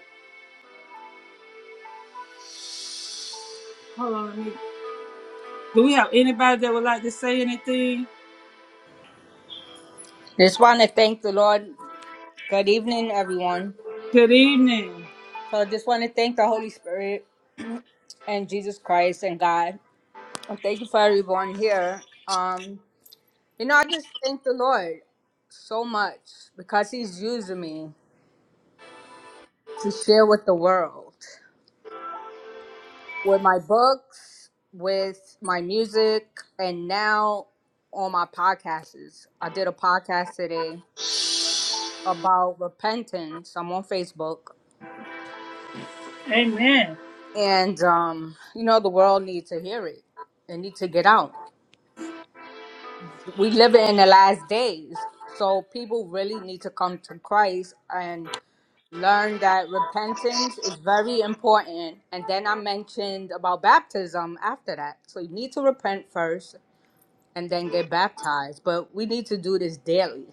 Hold on. let me- Do we have anybody that would like to say anything?
Just want to thank the Lord. Good evening, everyone.
Good evening.
So, just want to thank the Holy Spirit and Jesus Christ and God. And thank you for everyone here. Um, you know, I just thank the Lord so much because He's using me to share with the world, with my books, with my music, and now on my podcasts. I did a podcast today about repentance. I'm on Facebook
Amen.
and um, you know the world needs to hear it. They need to get out. We live in the last days, so people really need to come to Christ and learn that repentance is very important. And then I mentioned about baptism after that. So you need to repent first and then get baptized. But we need to do this daily.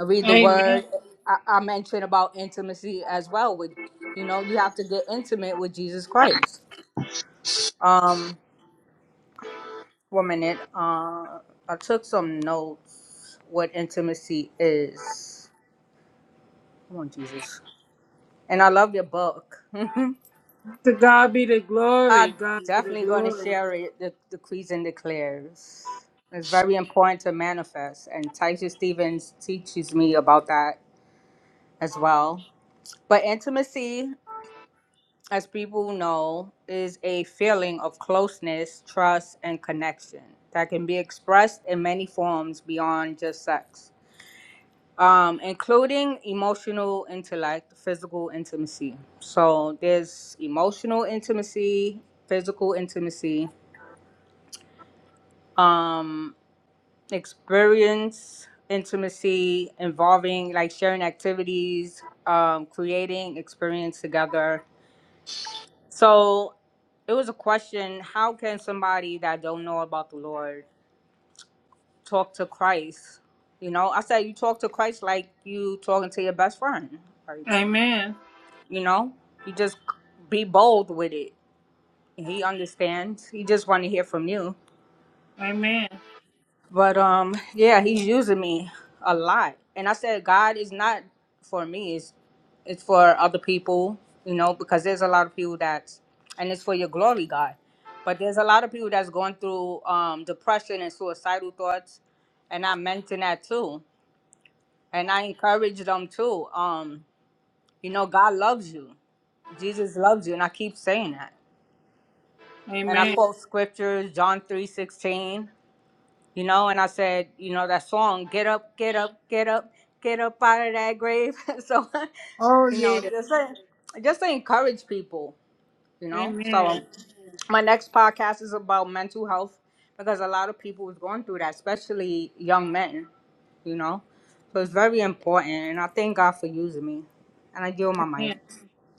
I read the
Amen.
word. I, I mentioned about intimacy as well. With you know, you have to get intimate with Jesus Christ. Um. one minute. Uh, I took some notes. What intimacy is? Come on, Jesus. And I love your book. [LAUGHS]
To God be the glory.
I'm
God be the
definitely going to
glory.
share it. The decrees and declares. It's very important to manifest, and Taisha Stevens teaches me about that as well. But intimacy, as people know, is a feeling of closeness, trust, and connection that can be expressed in many forms beyond just sex. um, including emotional, intellect, physical intimacy. So there's emotional intimacy, physical intimacy, um, experience intimacy involving like sharing activities, um, creating experience together. So it was a question: How can somebody that don't know about the Lord talk to Christ? You know, I said you talk to Christ like you talking to your best friend. Like
Amen.
you know you just be bold with it he understands he just want to hear from you
Amen.
but um yeah he's using me a lot and i said god is not for me it's it's for other people you know because there's a lot of people that's and it's for your glory god but there's a lot of people that's going through um depression and suicidal thoughts and i mentioned that too and i encourage them too um you know god loves you jesus loves you and i keep saying that and I
Amen.
quote scriptures, John three sixteen, you know, and I said, you know, that song, get up, get up, get up, get up out of that grave. [LAUGHS] so,
Oh,
you know,
yeah.
just to, just to encourage people, you know. So,
Amen.
my next podcast is about mental health because a lot of people is going through that, especially young men, you know. So it's very important, and I thank God for using me. And I give my
Amen.
mic.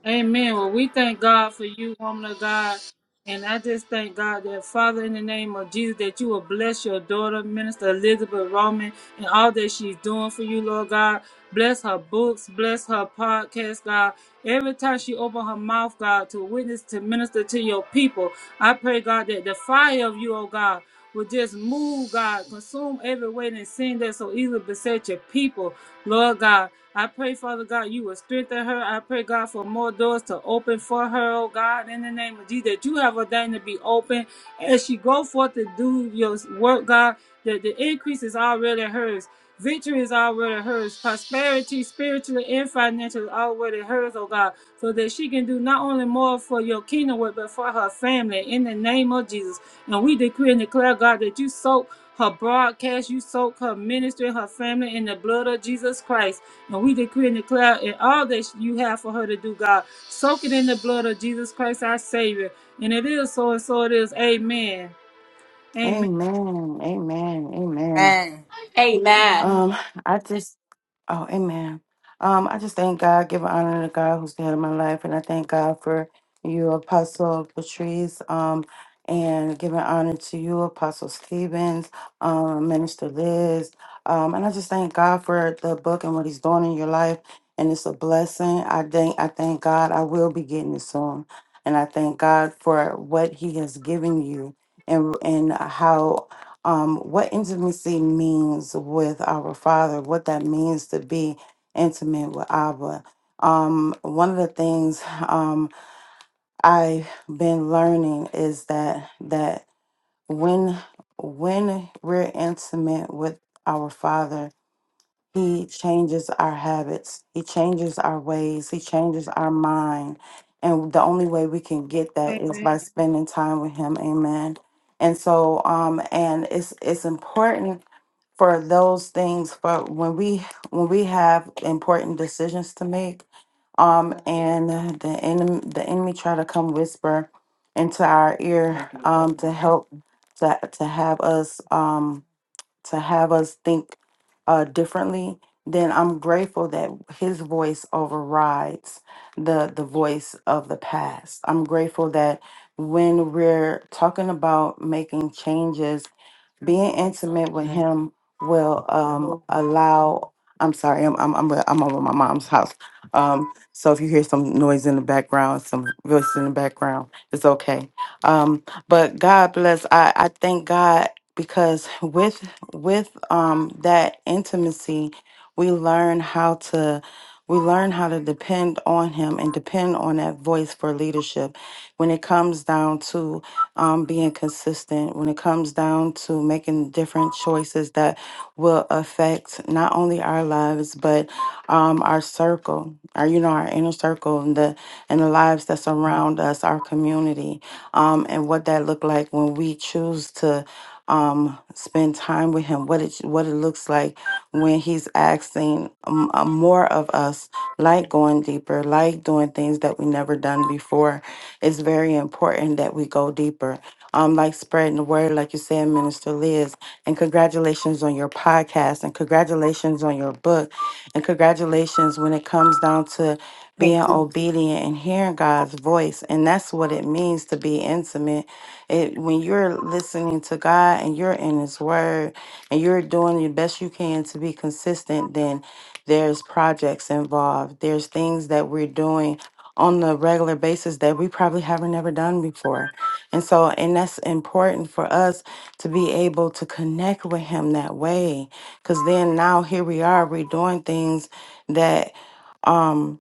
Amen. Well, we thank God for you, woman of God. And I just thank God that, Father, in the name of Jesus, that you will bless your daughter, Minister Elizabeth Roman, and all that she's doing for you, Lord God. Bless her books, bless her podcast, God. Every time she open her mouth, God, to witness, to minister to your people, I pray, God, that the fire of you, oh God, will just move, God. Consume every weight and sin that so easily beset your people, Lord God. I pray, Father God, you will strengthen her. I pray, God, for more doors to open for her, oh God, in the name of Jesus, that you have ordained to be open as she go forth to do your work, God, that the increase is already hers. Victory is already hers. Prosperity, spiritually and financially, is already hers, oh God, so that she can do not only more for your kingdom work, but for her family in the name of Jesus. And we decree and declare, God, that you soak her broadcast, you soak her ministry, her family in the blood of Jesus Christ. And we decree and declare in all that you have for her to do, God, soak it in the blood of Jesus Christ, our Savior. And it is so, and so it is. Amen. Amen.
Amen. Amen. Amen.
Amen.
Amen.
Amen.
Um, I just oh, amen. Um, I just thank God, give honor to God who's the head of my life, and I thank God for you, Apostle Patrice, um, and giving honor to you, Apostle Stevens, um, Minister Liz. Um, and I just thank God for the book and what he's doing in your life. And it's a blessing. I thank I thank God I will be getting it soon. And I thank God for what he has given you and and how um, what intimacy means with our Father, what that means to be intimate with Abba. Um, one of the things um, I've been learning is that that when when we're intimate with our Father, he changes our habits. He changes our ways. He changes our mind. And the only way we can get that is
Amen.
by spending time with him. Amen. And so um and it's it's important for those things for when we when we have important decisions to make um and the enemy the enemy try to come whisper into our ear um to help to to have us um to have us think uh, differently, then I'm grateful that his voice overrides the the voice of the past. I'm grateful that when we're talking about making changes being intimate with him will um allow i'm sorry i'm i'm i'm, I'm over my mom's house um so if you hear some noise in the background some voices in the background it's okay um but god bless i i thank god because with with um that intimacy we learn how to we learn how to depend on him and depend on that voice for leadership when it comes down to um, being consistent when it comes down to making different choices that will affect not only our lives but um, our circle, our you know our inner circle and the and the lives that surround us, our community, um, and what that look like when we choose to um, spend time with him, what it what it looks like when he's asking um, uh, more of us, like going deeper, like doing things that we never done before. It's very important that we go deeper. Um, like spreading the word, like you said, Minister Liz, and congratulations on your podcast, and congratulations on your book, and congratulations when it comes down to being
Thank you.
obedient and hearing God's voice, and that's what it means to be intimate it, when you're listening to God and you're in His Word and you're doing the best you can to be consistent, then there's projects involved. There's things that we're doing on a regular basis that we probably haven't never done before. And so, and that's important for us to be able to connect with Him that way. Because then now here we are, we're doing things that. um,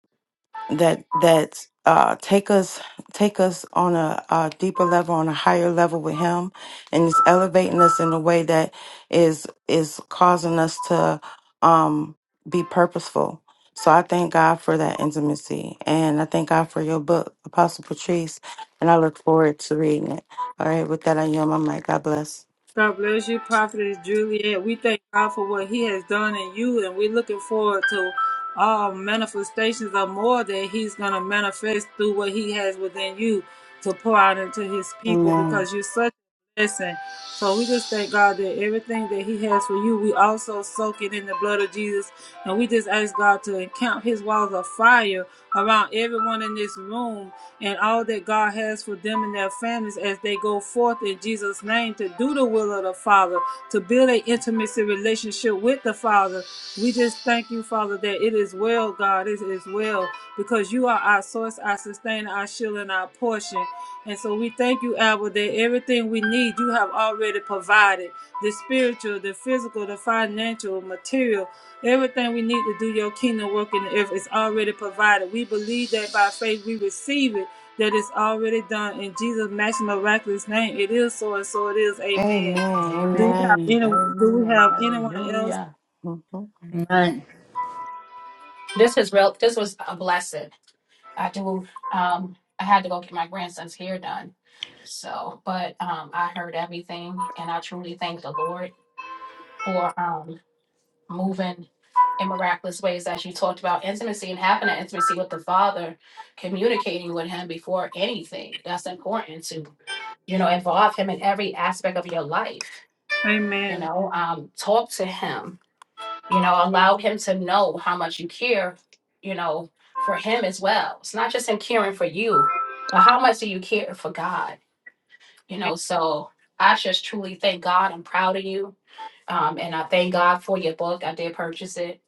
that that uh, take us take us on a, a deeper level, on a higher level with Him, and is elevating us in a way that is is causing us to um, be purposeful. So I thank God for that intimacy, and I thank God for your book, Apostle Patrice, and I look forward to reading it. All right, with that, I yield my mic. God bless.
God bless you, Prophetess Juliet. We thank God for what He has done in you, and we're looking forward to all manifestations of more that He's going to manifest through what He has within you to pour out into His people
Amen.
because you're such a blessing. So we just thank God that everything that He has for you, we also soak it in the blood of Jesus. And we just ask God to encamp His walls of fire around everyone in this room and all that God has for them and their families as they go forth in Jesus' name to do the will of the Father, to build an intimacy relationship with the Father. We just thank you, Father, that it is well, God. It is well because you are our source, our sustainer, our shield, and our portion. And so we thank you, Abba, that everything we need, you have already provided the spiritual, the physical, the financial, material, everything we need to do your kingdom work in the earth is already provided. We believe that by faith we receive it, that it's already done. In Jesus' matchless miraculous name, it is so and so it is. Amen.
Amen.
Do we have
Amen.
any?
Amen.
Do we
Amen.
have anyone else?
Hallelujah.
Amen.
This is real. This was a blessing. I do. Um, I had to go get my grandson's hair done. So, but um, I heard everything, and I truly thank the Lord for um moving in miraculous ways as you talked about intimacy and having that intimacy with the Father, communicating with Him before anything. That's important to you know involve Him in every aspect of your life. You
Amen.
know, um, talk to Him you know allow him to know how much you care you know for him as well it's not just him caring for you but how much do you care for god you know so i just truly thank god i'm proud of you um, and i thank god for your book i did purchase it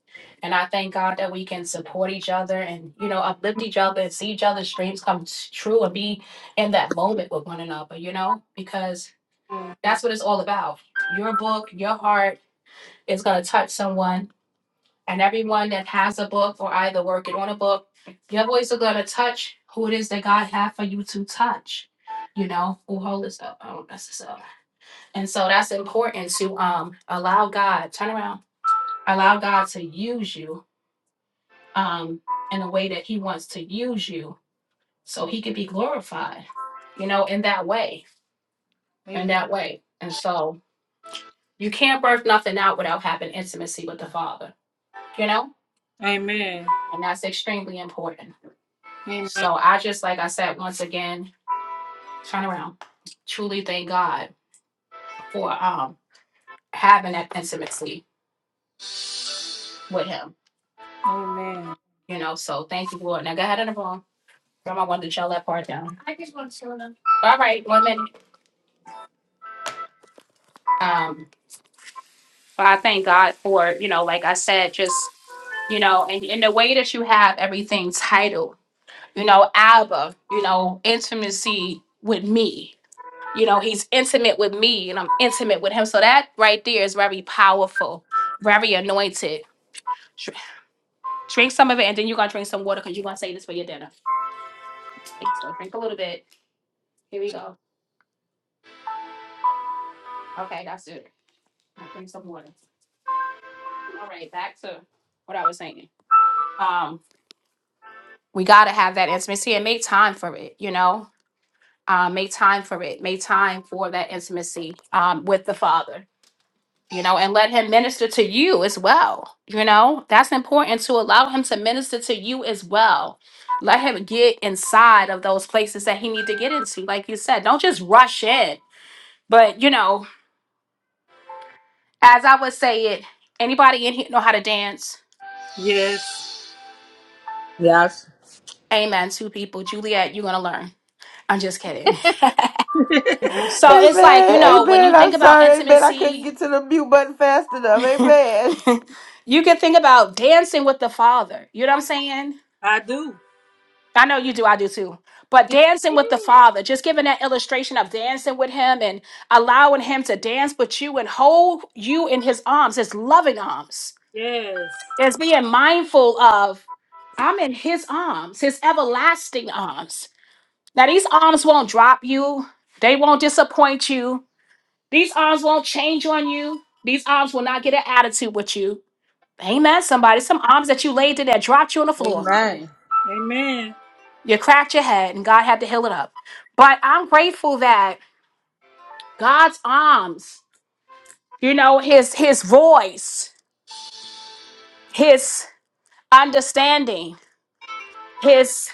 and i thank god that we can support each other and you know uplift each other and see each other's dreams come s- true and be in that moment with one another you know because that's what it's all about your book your heart is going to touch someone and everyone that has a book or either working on a book, you voice are gonna touch who it is that God had for you to touch. You know, who hold this up, I don't mess this up. And so that's important to um allow God, turn around, allow God to use you um in a way that He wants to use you so He could be glorified, you know, in that way, in
Amen.
that way. And so you can't birth nothing out without having intimacy with the Father, you know,
Amen.
and that's extremely important.
Amen.
So I just, like I said, once again, turn around. Truly thank God for um having that intimacy with him.
Amen.
You know, so thank you, Lord. Now go ahead and move on. I wanted to chill that part down. I just want to show them. All right, one minute. Um, but I thank God for, you know, like I said, just, you know, and in the way that you have everything titled, you know, Abba, you know, intimacy with me, You know, he's intimate with me and I'm intimate with him. So that right there is very powerful, very anointed. Dr- Drink some of it and then you're going to drink some water because you're going to say this for your dinner. Okay, so drink a little bit. Here we go. Okay, that's it. Now drink some water. All right, back to what I was saying. Um, we got to have that intimacy and make time for it, you know? Uh, make time for it. Make time for that intimacy um, with the Father you know, and let him minister to you as well. You know, that's important to allow him to minister to you as well. Let him get inside of those places that he need to get into. Like you said, don't just rush in. But you know, as I would say it, anybody in here know how to dance?
Yes,
Yes.
Amen. Two people, Juliet, you're gonna learn. I'm just kidding. So it's like you
Amen.
know, when you
Amen. I'm
think about
sorry. Amen. I couldn't
intimacy,
get to the mute button fast enough. Amen.
[LAUGHS] you can think about dancing with the Father. You know what I'm saying?
I do.
I know you do. I do too. But
[LAUGHS]
dancing with the Father, just giving that illustration of dancing with Him and allowing Him to dance with you and hold you in His arms, His loving arms.
Yes.
It's being mindful of, I'm in His arms, His everlasting arms. Now, these arms won't drop you, they won't disappoint you. These arms won't change on you. These arms will not get an attitude with you. Amen, somebody. Some arms that you laid in that dropped you on the floor.
Amen.
Amen.
You cracked your head and God had to heal it up. But I'm grateful that God's arms, you know, his his voice, his understanding, his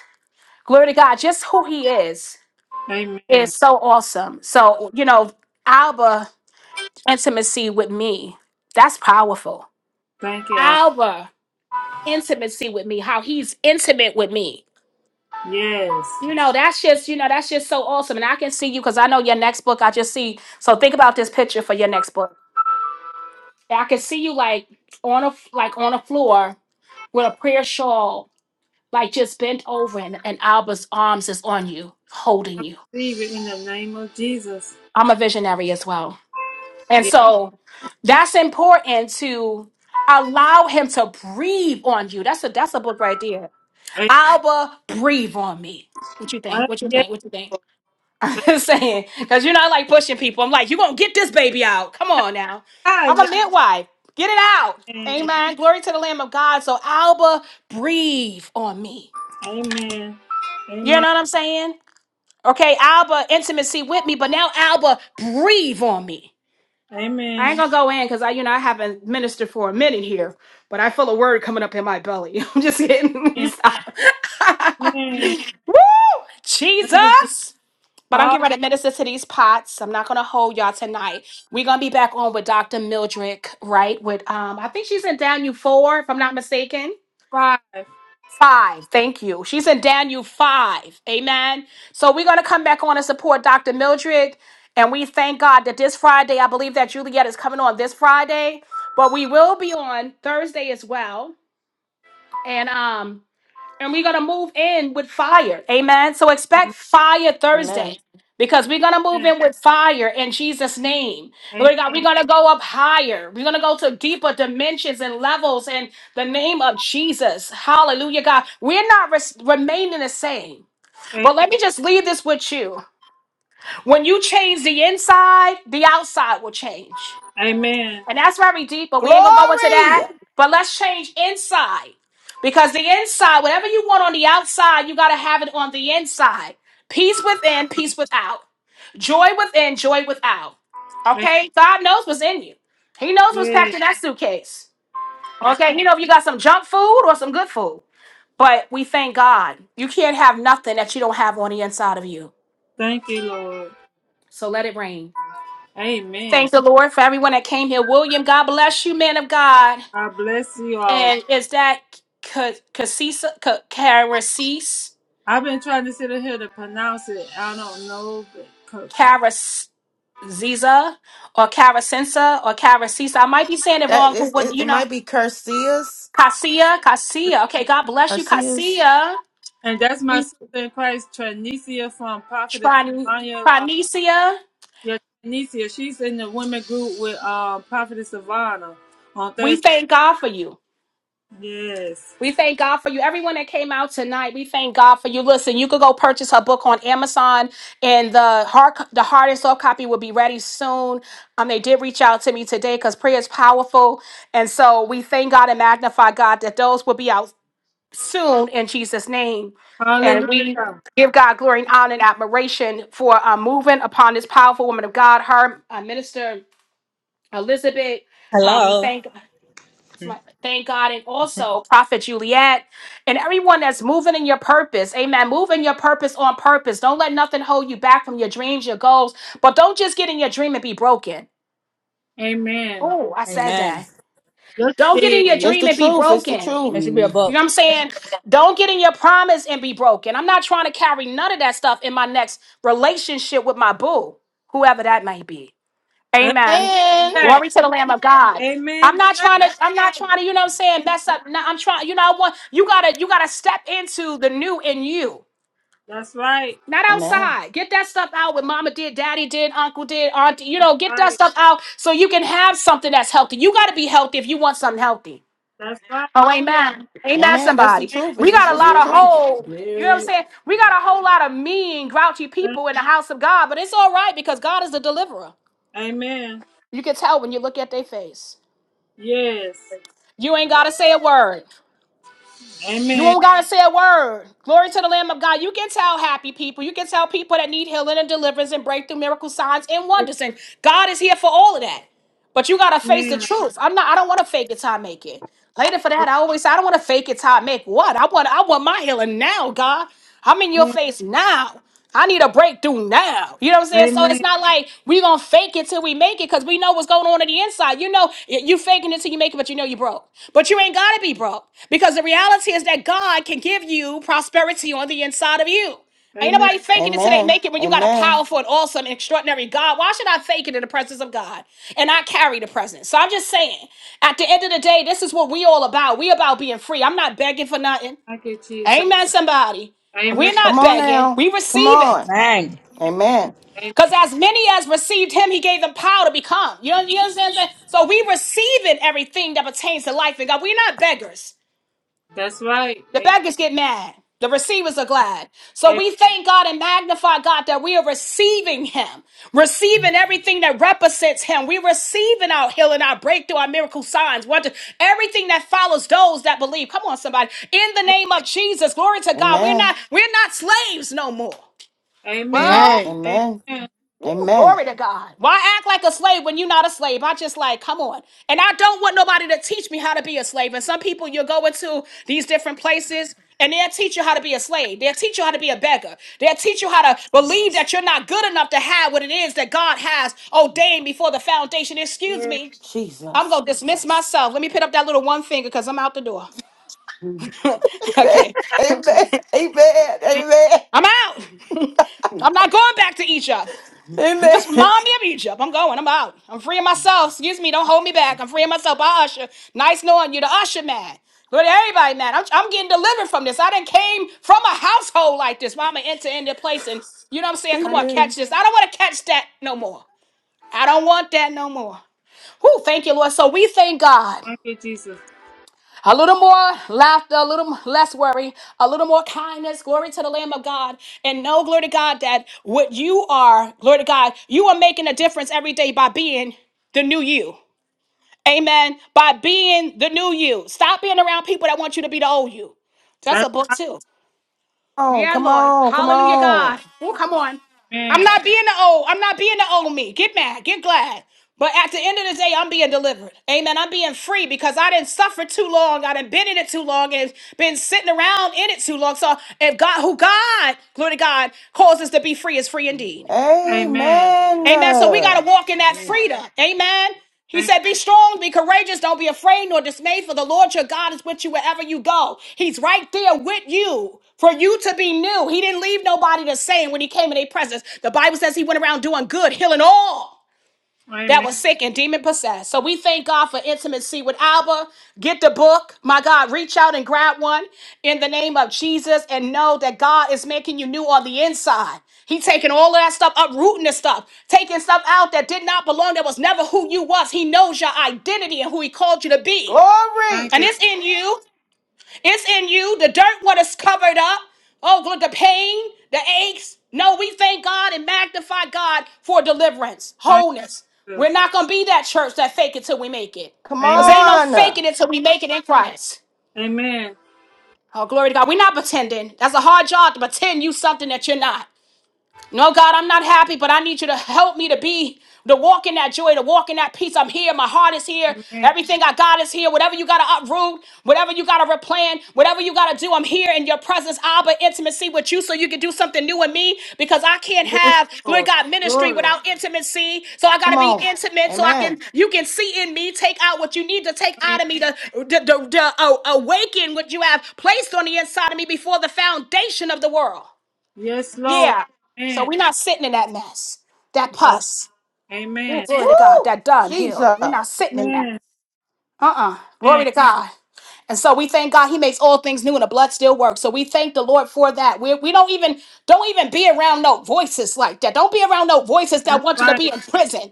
glory to God, just who he is
Amen.
is so awesome. So, you know, Alba intimacy with me, that's powerful.
Thank you. Al.
Alba intimacy with me, how he's intimate with me.
Yes.
You know, that's just, you know, that's just so awesome. And I can see you because I know your next book, I just see. So think about this picture for your next book I can see you like on a like on a floor with a prayer shawl, like just bent over, and, and Alba's arms is on you, holding
I
you.
receive it in the name of Jesus.
I'm a visionary as well, and
Yes.
so that's important to allow him to breathe on you. That's a that's a book right there. Alba, breathe on me. What you think?
Amen.
What you
Yes.
think? What you think? I'm [LAUGHS] saying, because you you're not like pushing people. I'm like, you're going to get this baby out. Come on now.
Ah,
I'm a
yes.
midwife. Get it out.
Amen.
Amen. Glory to the Lamb of God. So, Alba, breathe on me.
Amen.
You know what I'm saying? Okay, Alba, intimacy with me, but now Alba, breathe on me. I ain't
Amen.
gonna go in because I, you know, I haven't ministered for a minute here, but I feel a word coming up in my belly. [LAUGHS] I'm just kidding. [LAUGHS]
Amen.
Stop.
Amen. Thank you. Jesus.
Jesus. But I'm
All
getting ready to minister to these pots. I'm not gonna hold y'all tonight. We're gonna be back on with Dr. Mildred, right? With um, I think she's in Daniel four, if I'm not mistaken.
five.
Five. Thank you. She's in Daniel five. Amen. So we're gonna come back on and support Dr. Mildred. And we thank God that this Friday, I believe that Juliet is coming on this Friday, but we will be on Thursday as well. And um, and we're going to move in with fire. Amen. So expect fire
Amen.
Thursday because we're going to move
Amen.
in with fire in Jesus' name. We're
Amen.
going to go up higher. We're going to go to deeper dimensions and levels in the name of Jesus. Hallelujah, God. We're not res- remaining the same. But let me just leave this with you. When you change the inside, the outside will change.
Amen.
And that's very deep, but we ain't gonna go into
Glory.
that. But let's change inside. Because the inside, whatever you want on the outside, you gotta have it on the inside. Peace within, peace without. Joy within, joy without. Okay? God knows what's in you. He knows what's
Amen.
packed in that suitcase. Okay, you know if you got some junk food or some good food. But we thank God. You can't have nothing that you don't have on the inside of you.
Thank you, Lord.
So let it rain.
Amen.
Thank the Lord for everyone that came here. William, God bless you, man of God.
God bless you all.
And is that Casisa, Caracis,
I've been trying to sit here to pronounce it. I don't know. But, co-
Caraziza, or Carasensa, or Caracisa? I might be saying it
That
wrong. but
is,
What
it, it
you know,
might be Curseus.
Cassia, Cassia. Okay, God bless you,
Curseus.
Cassia.
and that's my
We
sister in Christ, Trinicia from Prophetess
Trin-
Savannah. Uh,
Trinicia.
yeah, Trinicia. She's in the women group with uh, Prophetess Savannah on
We
Thursday.
thank God for you.
Yes.
We thank God for you. Everyone that came out tonight, we thank God for you. Listen, you could go purchase her book on Amazon, and the hard the hard and soft copy will be ready soon. Um, they did reach out to me today because prayer is powerful, and so we thank God and magnify God that those will be out soon in Jesus' name, and
Hallelujah.
we give God glory and honor and admiration for uh, moving upon this powerful woman of God, her uh, minister Elizabeth. Um, we
Hello.
thank it's my- Thank God. And also, Prophet Juliet, and everyone that's moving in your purpose. Amen. Move in your purpose on purpose. Don't let nothing hold you back from your dreams, your goals. But don't just get in your dream and be broken.
Amen.
Oh, I said
Amen.
that.
Yes, she
Don't get in
did.
your
It's
dream
the
and be
truth. It's the
broken.
truth.
That should be a
hmm
You know
book.
what I'm saying? Don't get in your promise and be broken. I'm not trying to carry none of that stuff in my next relationship with my boo, whoever that may be. Amen.
Amen.
Amen.
Glory to the Lamb of God. I'm
Amen. to
not
that.
trying to, I'm not trying to, you know what I'm saying? That's up. No, I'm trying, you know, I want you gotta, you gotta step into the new in you.
That's right.
Not
Amen.
outside. Get that stuff out what mama did, daddy did, uncle did, auntie. You
That's
know, get that
right.
stuff out so you can have something that's healthy. You gotta be healthy if you want something healthy.
That's right.
Oh, amen. Amen,
Amen. That's the
somebody.
truth.
We
It's it's
got a
just
lot
the Bury
of
truth. it.
whole, you know what I'm
Bury it.
saying? We got a whole lot of mean, grouchy
Amen.
people in the house of God, but it's all right because God is a deliverer.
Amen.
You can tell when you look at their face.
Yes.
You ain't gotta say a word. You
Amen.
won't gotta say a word. Glory to the Lamb of God. You can tell happy people. You can tell people that need healing and deliverance and breakthrough, miracle signs and wonders. And God is here for all of that. But you gotta face the
Amen.
truth. I'm not. I don't want to fake it till I make it. Later for that, I always say I don't want to fake it till I make what. I want. I want my healing now, God. I'm in your
Amen.
face now. I need a breakthrough now. You know what I'm saying? So it's
Amen.
not like we gonna fake it till we make it, cause we know what's going on on the inside. You know, y- you faking it till you make it, but you know you broke. But you ain't gotta be broke because the reality is that God can give you prosperity on the inside of you. Ain't
Amen.
nobody faking it till they
Amen.
make it. When you got a
Amen.
powerful and awesome, and extraordinary God, why should I fake it in the presence of God? And I carry the presence. So I'm just saying, at the end of the day, this is what we all about. We about being free. I'm not begging for nothing.
Thank you, Jesus.
Amen. Somebody. We're
Amen.
Come
not
on
begging.
now.
We
Come
receive it.
on.
Amen.
Amen.
Amen.
Because as many as received him, he gave them power to become. You, you understand? what I'm saying? So we receiving everything that pertains to life in God. We're not beggars.
That's right.
The beggars get mad. The receivers are glad. So
Amen.
we thank God and magnify God that we are receiving him, receiving everything that represents him. We're receiving our healing, our breakthrough, our miracle signs, wonder, everything that follows those that believe. Come on, somebody. In the name of Jesus, glory to God. We're not,
Amen.
we're not slaves no more.
Amen.
Well,
Amen.
Amen.
Amen. Amen.
Ooh,
Amen.
glory to God. Why act like a slave when you're not a slave? I just like, come on. And I don't want nobody to teach me how to be a slave. And some people, you'll go into these different places and they'll teach you how to be a slave. They'll teach you how to be a beggar. They'll teach you how to believe that you're not good enough to have what it is that God has ordained before the foundation. Excuse
Amen.
me. I'm
Jesus.
going to dismiss myself. Let me put up that little one finger because I'm out the door. [LAUGHS]
Amen.
okay.
Amen. Amen. Amen.
I'm out. I'm not going back to Egypt.
Amen.
Just
[LAUGHS]
remind me of Egypt. I'm going. I'm out. I'm freeing myself. Excuse me. Don't hold me back. I'm freeing myself. I usher. Nice knowing you, the usher man. Go to everybody, man. I'm, I'm getting delivered from this. I didn't came from a household like this. Mama enter in the place, and you know what I'm saying. Come
Thank
on,
you.
Amen.
catch this. I don't want to catch that no more. I don't want that no more. Whew, thank you, Lord. So we thank God.
Thank you, Jesus.
A little more laughter, a little less worry, a little more kindness. Glory to the Lamb of God. And know, glory to God, that what you are, glory to God, you are making a difference every day by being the new you. Amen. By being the new you. Stop being around people that want you to be the old you. That's a
That's
book,
right.
too.
Oh,
Yeah,
come
Lord.
on, come
Hallelujah, God.
on.
Oh, come on. I'm
Amen.
not being the old. I'm not being the old me. Get mad. Get glad. But at the end of the day, I'm being delivered. Amen. I'm being free because I didn't suffer too long. I didn't been in it too long and been sitting around in it too long. So if God, who God, glory to God, calls us to be free is free indeed.
Amen.
Amen.
Amen. So we
Uh,
got to walk in that freedom. Amen. He
Amen.
said, Be strong, be courageous, don't be afraid nor dismayed, for the Lord your God is with you wherever you go. He's right there with you for you to be new. He didn't leave nobody the same when he came in their presence. The Bible says he went around doing good, healing all that
Amen.
was sick and demon possessed. So we thank God for intimacy with Alba. Get the book. My God, reach out and grab one in the name of Jesus and know that God is making you new on the inside. He taking all of that stuff, uprooting the stuff, taking stuff out that did not belong, that was never who you was. He knows your identity and who he called you to be.
Thank
Glory.
And
you.
it's in you. It's in you. The dirt, what is covered up. Oh, God, the pain, the aches. No, we thank God and magnify God for deliverance,
Thank
wholeness.
you,
We're
Jesus.
not going to be that church that fake it till we make it.
Come
Because
Amen.
ain't no
on. uh,
faking it till we make it in Christ.
Amen.
Oh, glory to God. We're not pretending. That's a hard job to pretend you something that you're not. No, God, I'm not happy, but I need you to help me to be, to walk in that joy, to walk in that peace. I'm here. My heart is here.
Amen.
Everything I got is here. Whatever you got to uproot, whatever you got to replan, whatever you got to do, I'm here in your presence, Abba, intimacy with you so you can do something new in me because I can't
Yes,
have, glory to
Lord.
God, ministry
Lord.
without intimacy. So I got
Come
to be
on.
intimate so I
Amen.
can, you can see in me, take out what you need to take out
Amen.
of me to, to, to, to uh, awaken what you have placed on the inside of me before the foundation of the world.
Yes, Lord.
Yeah. So
Amen.
we're not sitting in that mess, that
No.
pus. Oh,
Amen.
Woo!
glory to God, that downhill.
Jesus.
We're not sitting in that.
Amen.
Uh uh Glory to God. And so we thank God He makes all things new and the blood still works. So we thank the Lord for that. we we do not even don't even be around no voices like that. Don't be around no voices that
That's
want you to be
right.
in prison.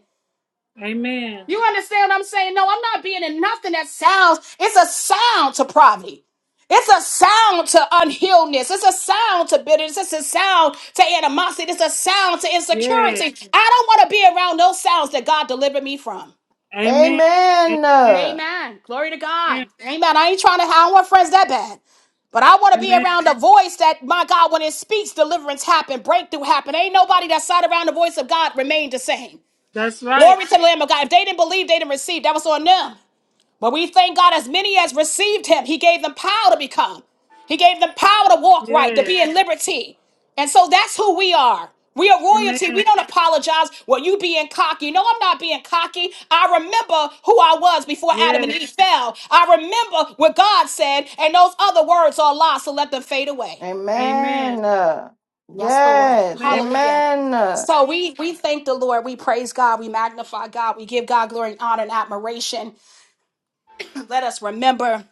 Amen.
You understand what I'm saying? No, I'm not being in nothing that sounds, it's a sound to poverty. It's a sound to unhealedness. It's a sound to bitterness. It's a sound to animosity. It's a sound to
Yeah.
insecurity. I don't want to be around those sounds that God delivered me from.
Amen.
Amen.
Amen.
Uh,
Amen. Glory to God.
Amen.
Amen. I ain't trying to, I don't want friends that bad. But I want to be
Amen.
around a voice that, my God, when it speaks, deliverance happen, breakthrough happen. Ain't nobody that sat around the voice of God remained the same.
That's right.
Glory to the Lamb of God. If they didn't believe, they didn't receive. That was on them. But we thank God as many as received him, he gave them power to become. He gave them power to walk right, to
Yeah.
be in liberty. And so that's who we are. We are royalty. We
Amen.
don't apologize. Well, you being cocky. No, I'm not being cocky. I remember who I was before Adam
Yeah.
and Eve fell. I remember what God said, and those other words are lost. so let them fade away.
Amen.
Amen. Uh,
Yes, Lord.
Yes.
Amen.
Hallelujah.
Amen. Uh,
So we we thank the Lord. We praise God. We magnify God. We give God glory and honor and admiration. Let us remember.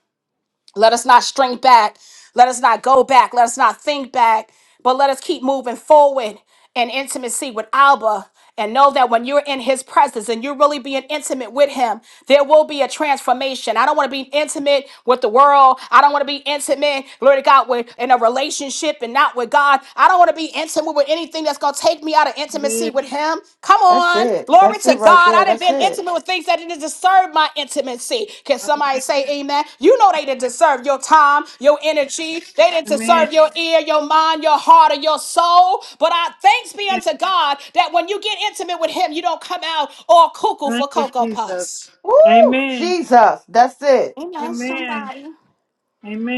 Let us not shrink back. Let us not go back. Let us not think back, but let us keep moving forward in intimacy with Alba and know that when you're in his presence and you're really being intimate with him, there will be a transformation. I don't want to be intimate with the world. I don't want to be intimate, glory to God, with in a relationship and not with God. I don't want to be intimate with anything thing that's gonna take me out of intimacy
Yeah.
with him. Come
That's
on,
it.
glory
That's it
to
right
God. I
there.
done
That's
been
it.
intimate with things that didn't deserve my intimacy. Can somebody
Amen.
say amen? You know they didn't deserve your time, your energy, they
Amen.
didn't
Amen.
deserve your ear, your mind, your heart, or your soul. But I thanks be
Amen.
unto God that when you get intimate with him, you don't come out all cuckoo
Thank
for
you,
cocoa
Jesus.
puffs.
Woo!
Amen.
Jesus. That's it.
Amen,
Amen.
somebody.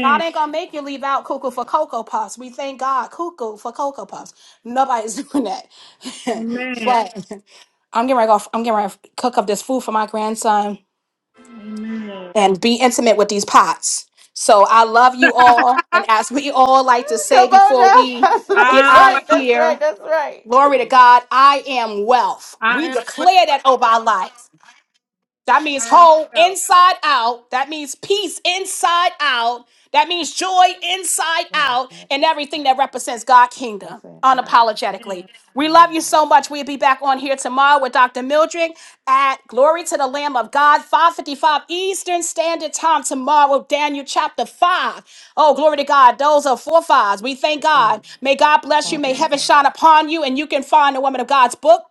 God ain't gonna make you leave out cuckoo for cocoa puffs. We thank God cuckoo for cocoa puffs. Nobody's doing that. [LAUGHS]
Amen.
but I'm getting ready to go, I'm getting ready to cook up this food for my grandson
Amen.
and be intimate with these pots. So I love you all. And
[LAUGHS]
as we all like to
Come
say
on
before
now, [LAUGHS]
we
Pastor. That's
get
I am
out
right.
of
well.
That's right.
here,
That's right.
glory to God, I am wealth.
I
We
am well.
declare that over our life. That
I
means
am
whole
well.
inside out. That means peace inside out. That means joy inside
Yes.
out
Lord.
and everything that represents God's kingdom
That's it. Yeah.
unapologetically.
Amen.
We love you
Hallelujah.
so much. We'll be back on here tomorrow with Dr. Mildred at Glory to the Lamb of God, 555 Eastern Standard Time tomorrow, Daniel chapter 5. Oh, glory to God. Those are four fives. We thank
Good
God.
thing.
May God bless you. May
Poverty
Amen.
heaven
God.
shine upon you and you can find the woman of God's book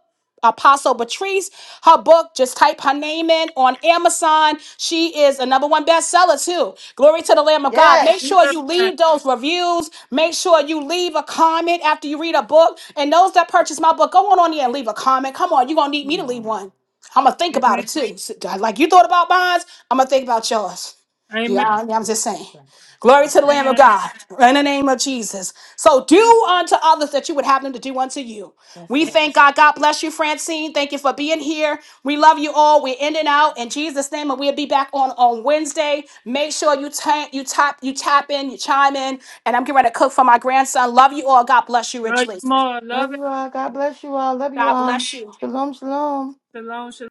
Apostle Patrice. Her book, just type her name in on Amazon. She is a number one bestseller, too. Glory to the Lamb of God. Make
In
Yes.
sure
Jesus'
you
name.
leave those reviews. Make sure you leave a comment after you read a book. And those that purchase my book, go on on here and leave a comment. Come on, you're going to need me to leave
No.
one. I'm going to think
Jesus.
about
Amen.
it, too. Like you thought about mine, I'm going to think about yours. You,
That's
Amen.
I,
right.
I'm just saying.
Right.
Glory to
That's
the
right.
Lamb of
Amen.
God in the name of Jesus. So do
Mm.
unto others that you would have them to do unto you.
That's
We
right.
thank God. God bless you, Francine. Thank you for being here. We love you all. We're in and out in Jesus' name, and we'll be back on on Wednesday. Make sure you tap, you tap, you tap in, you chime in, and I'm getting ready to cook for my grandson. Love you all. God bless you
Love you
richly.
more. Love
Love you all. God bless you all. Love you
God
all.
bless you.
Shalom, shalom.
shalom, shalom.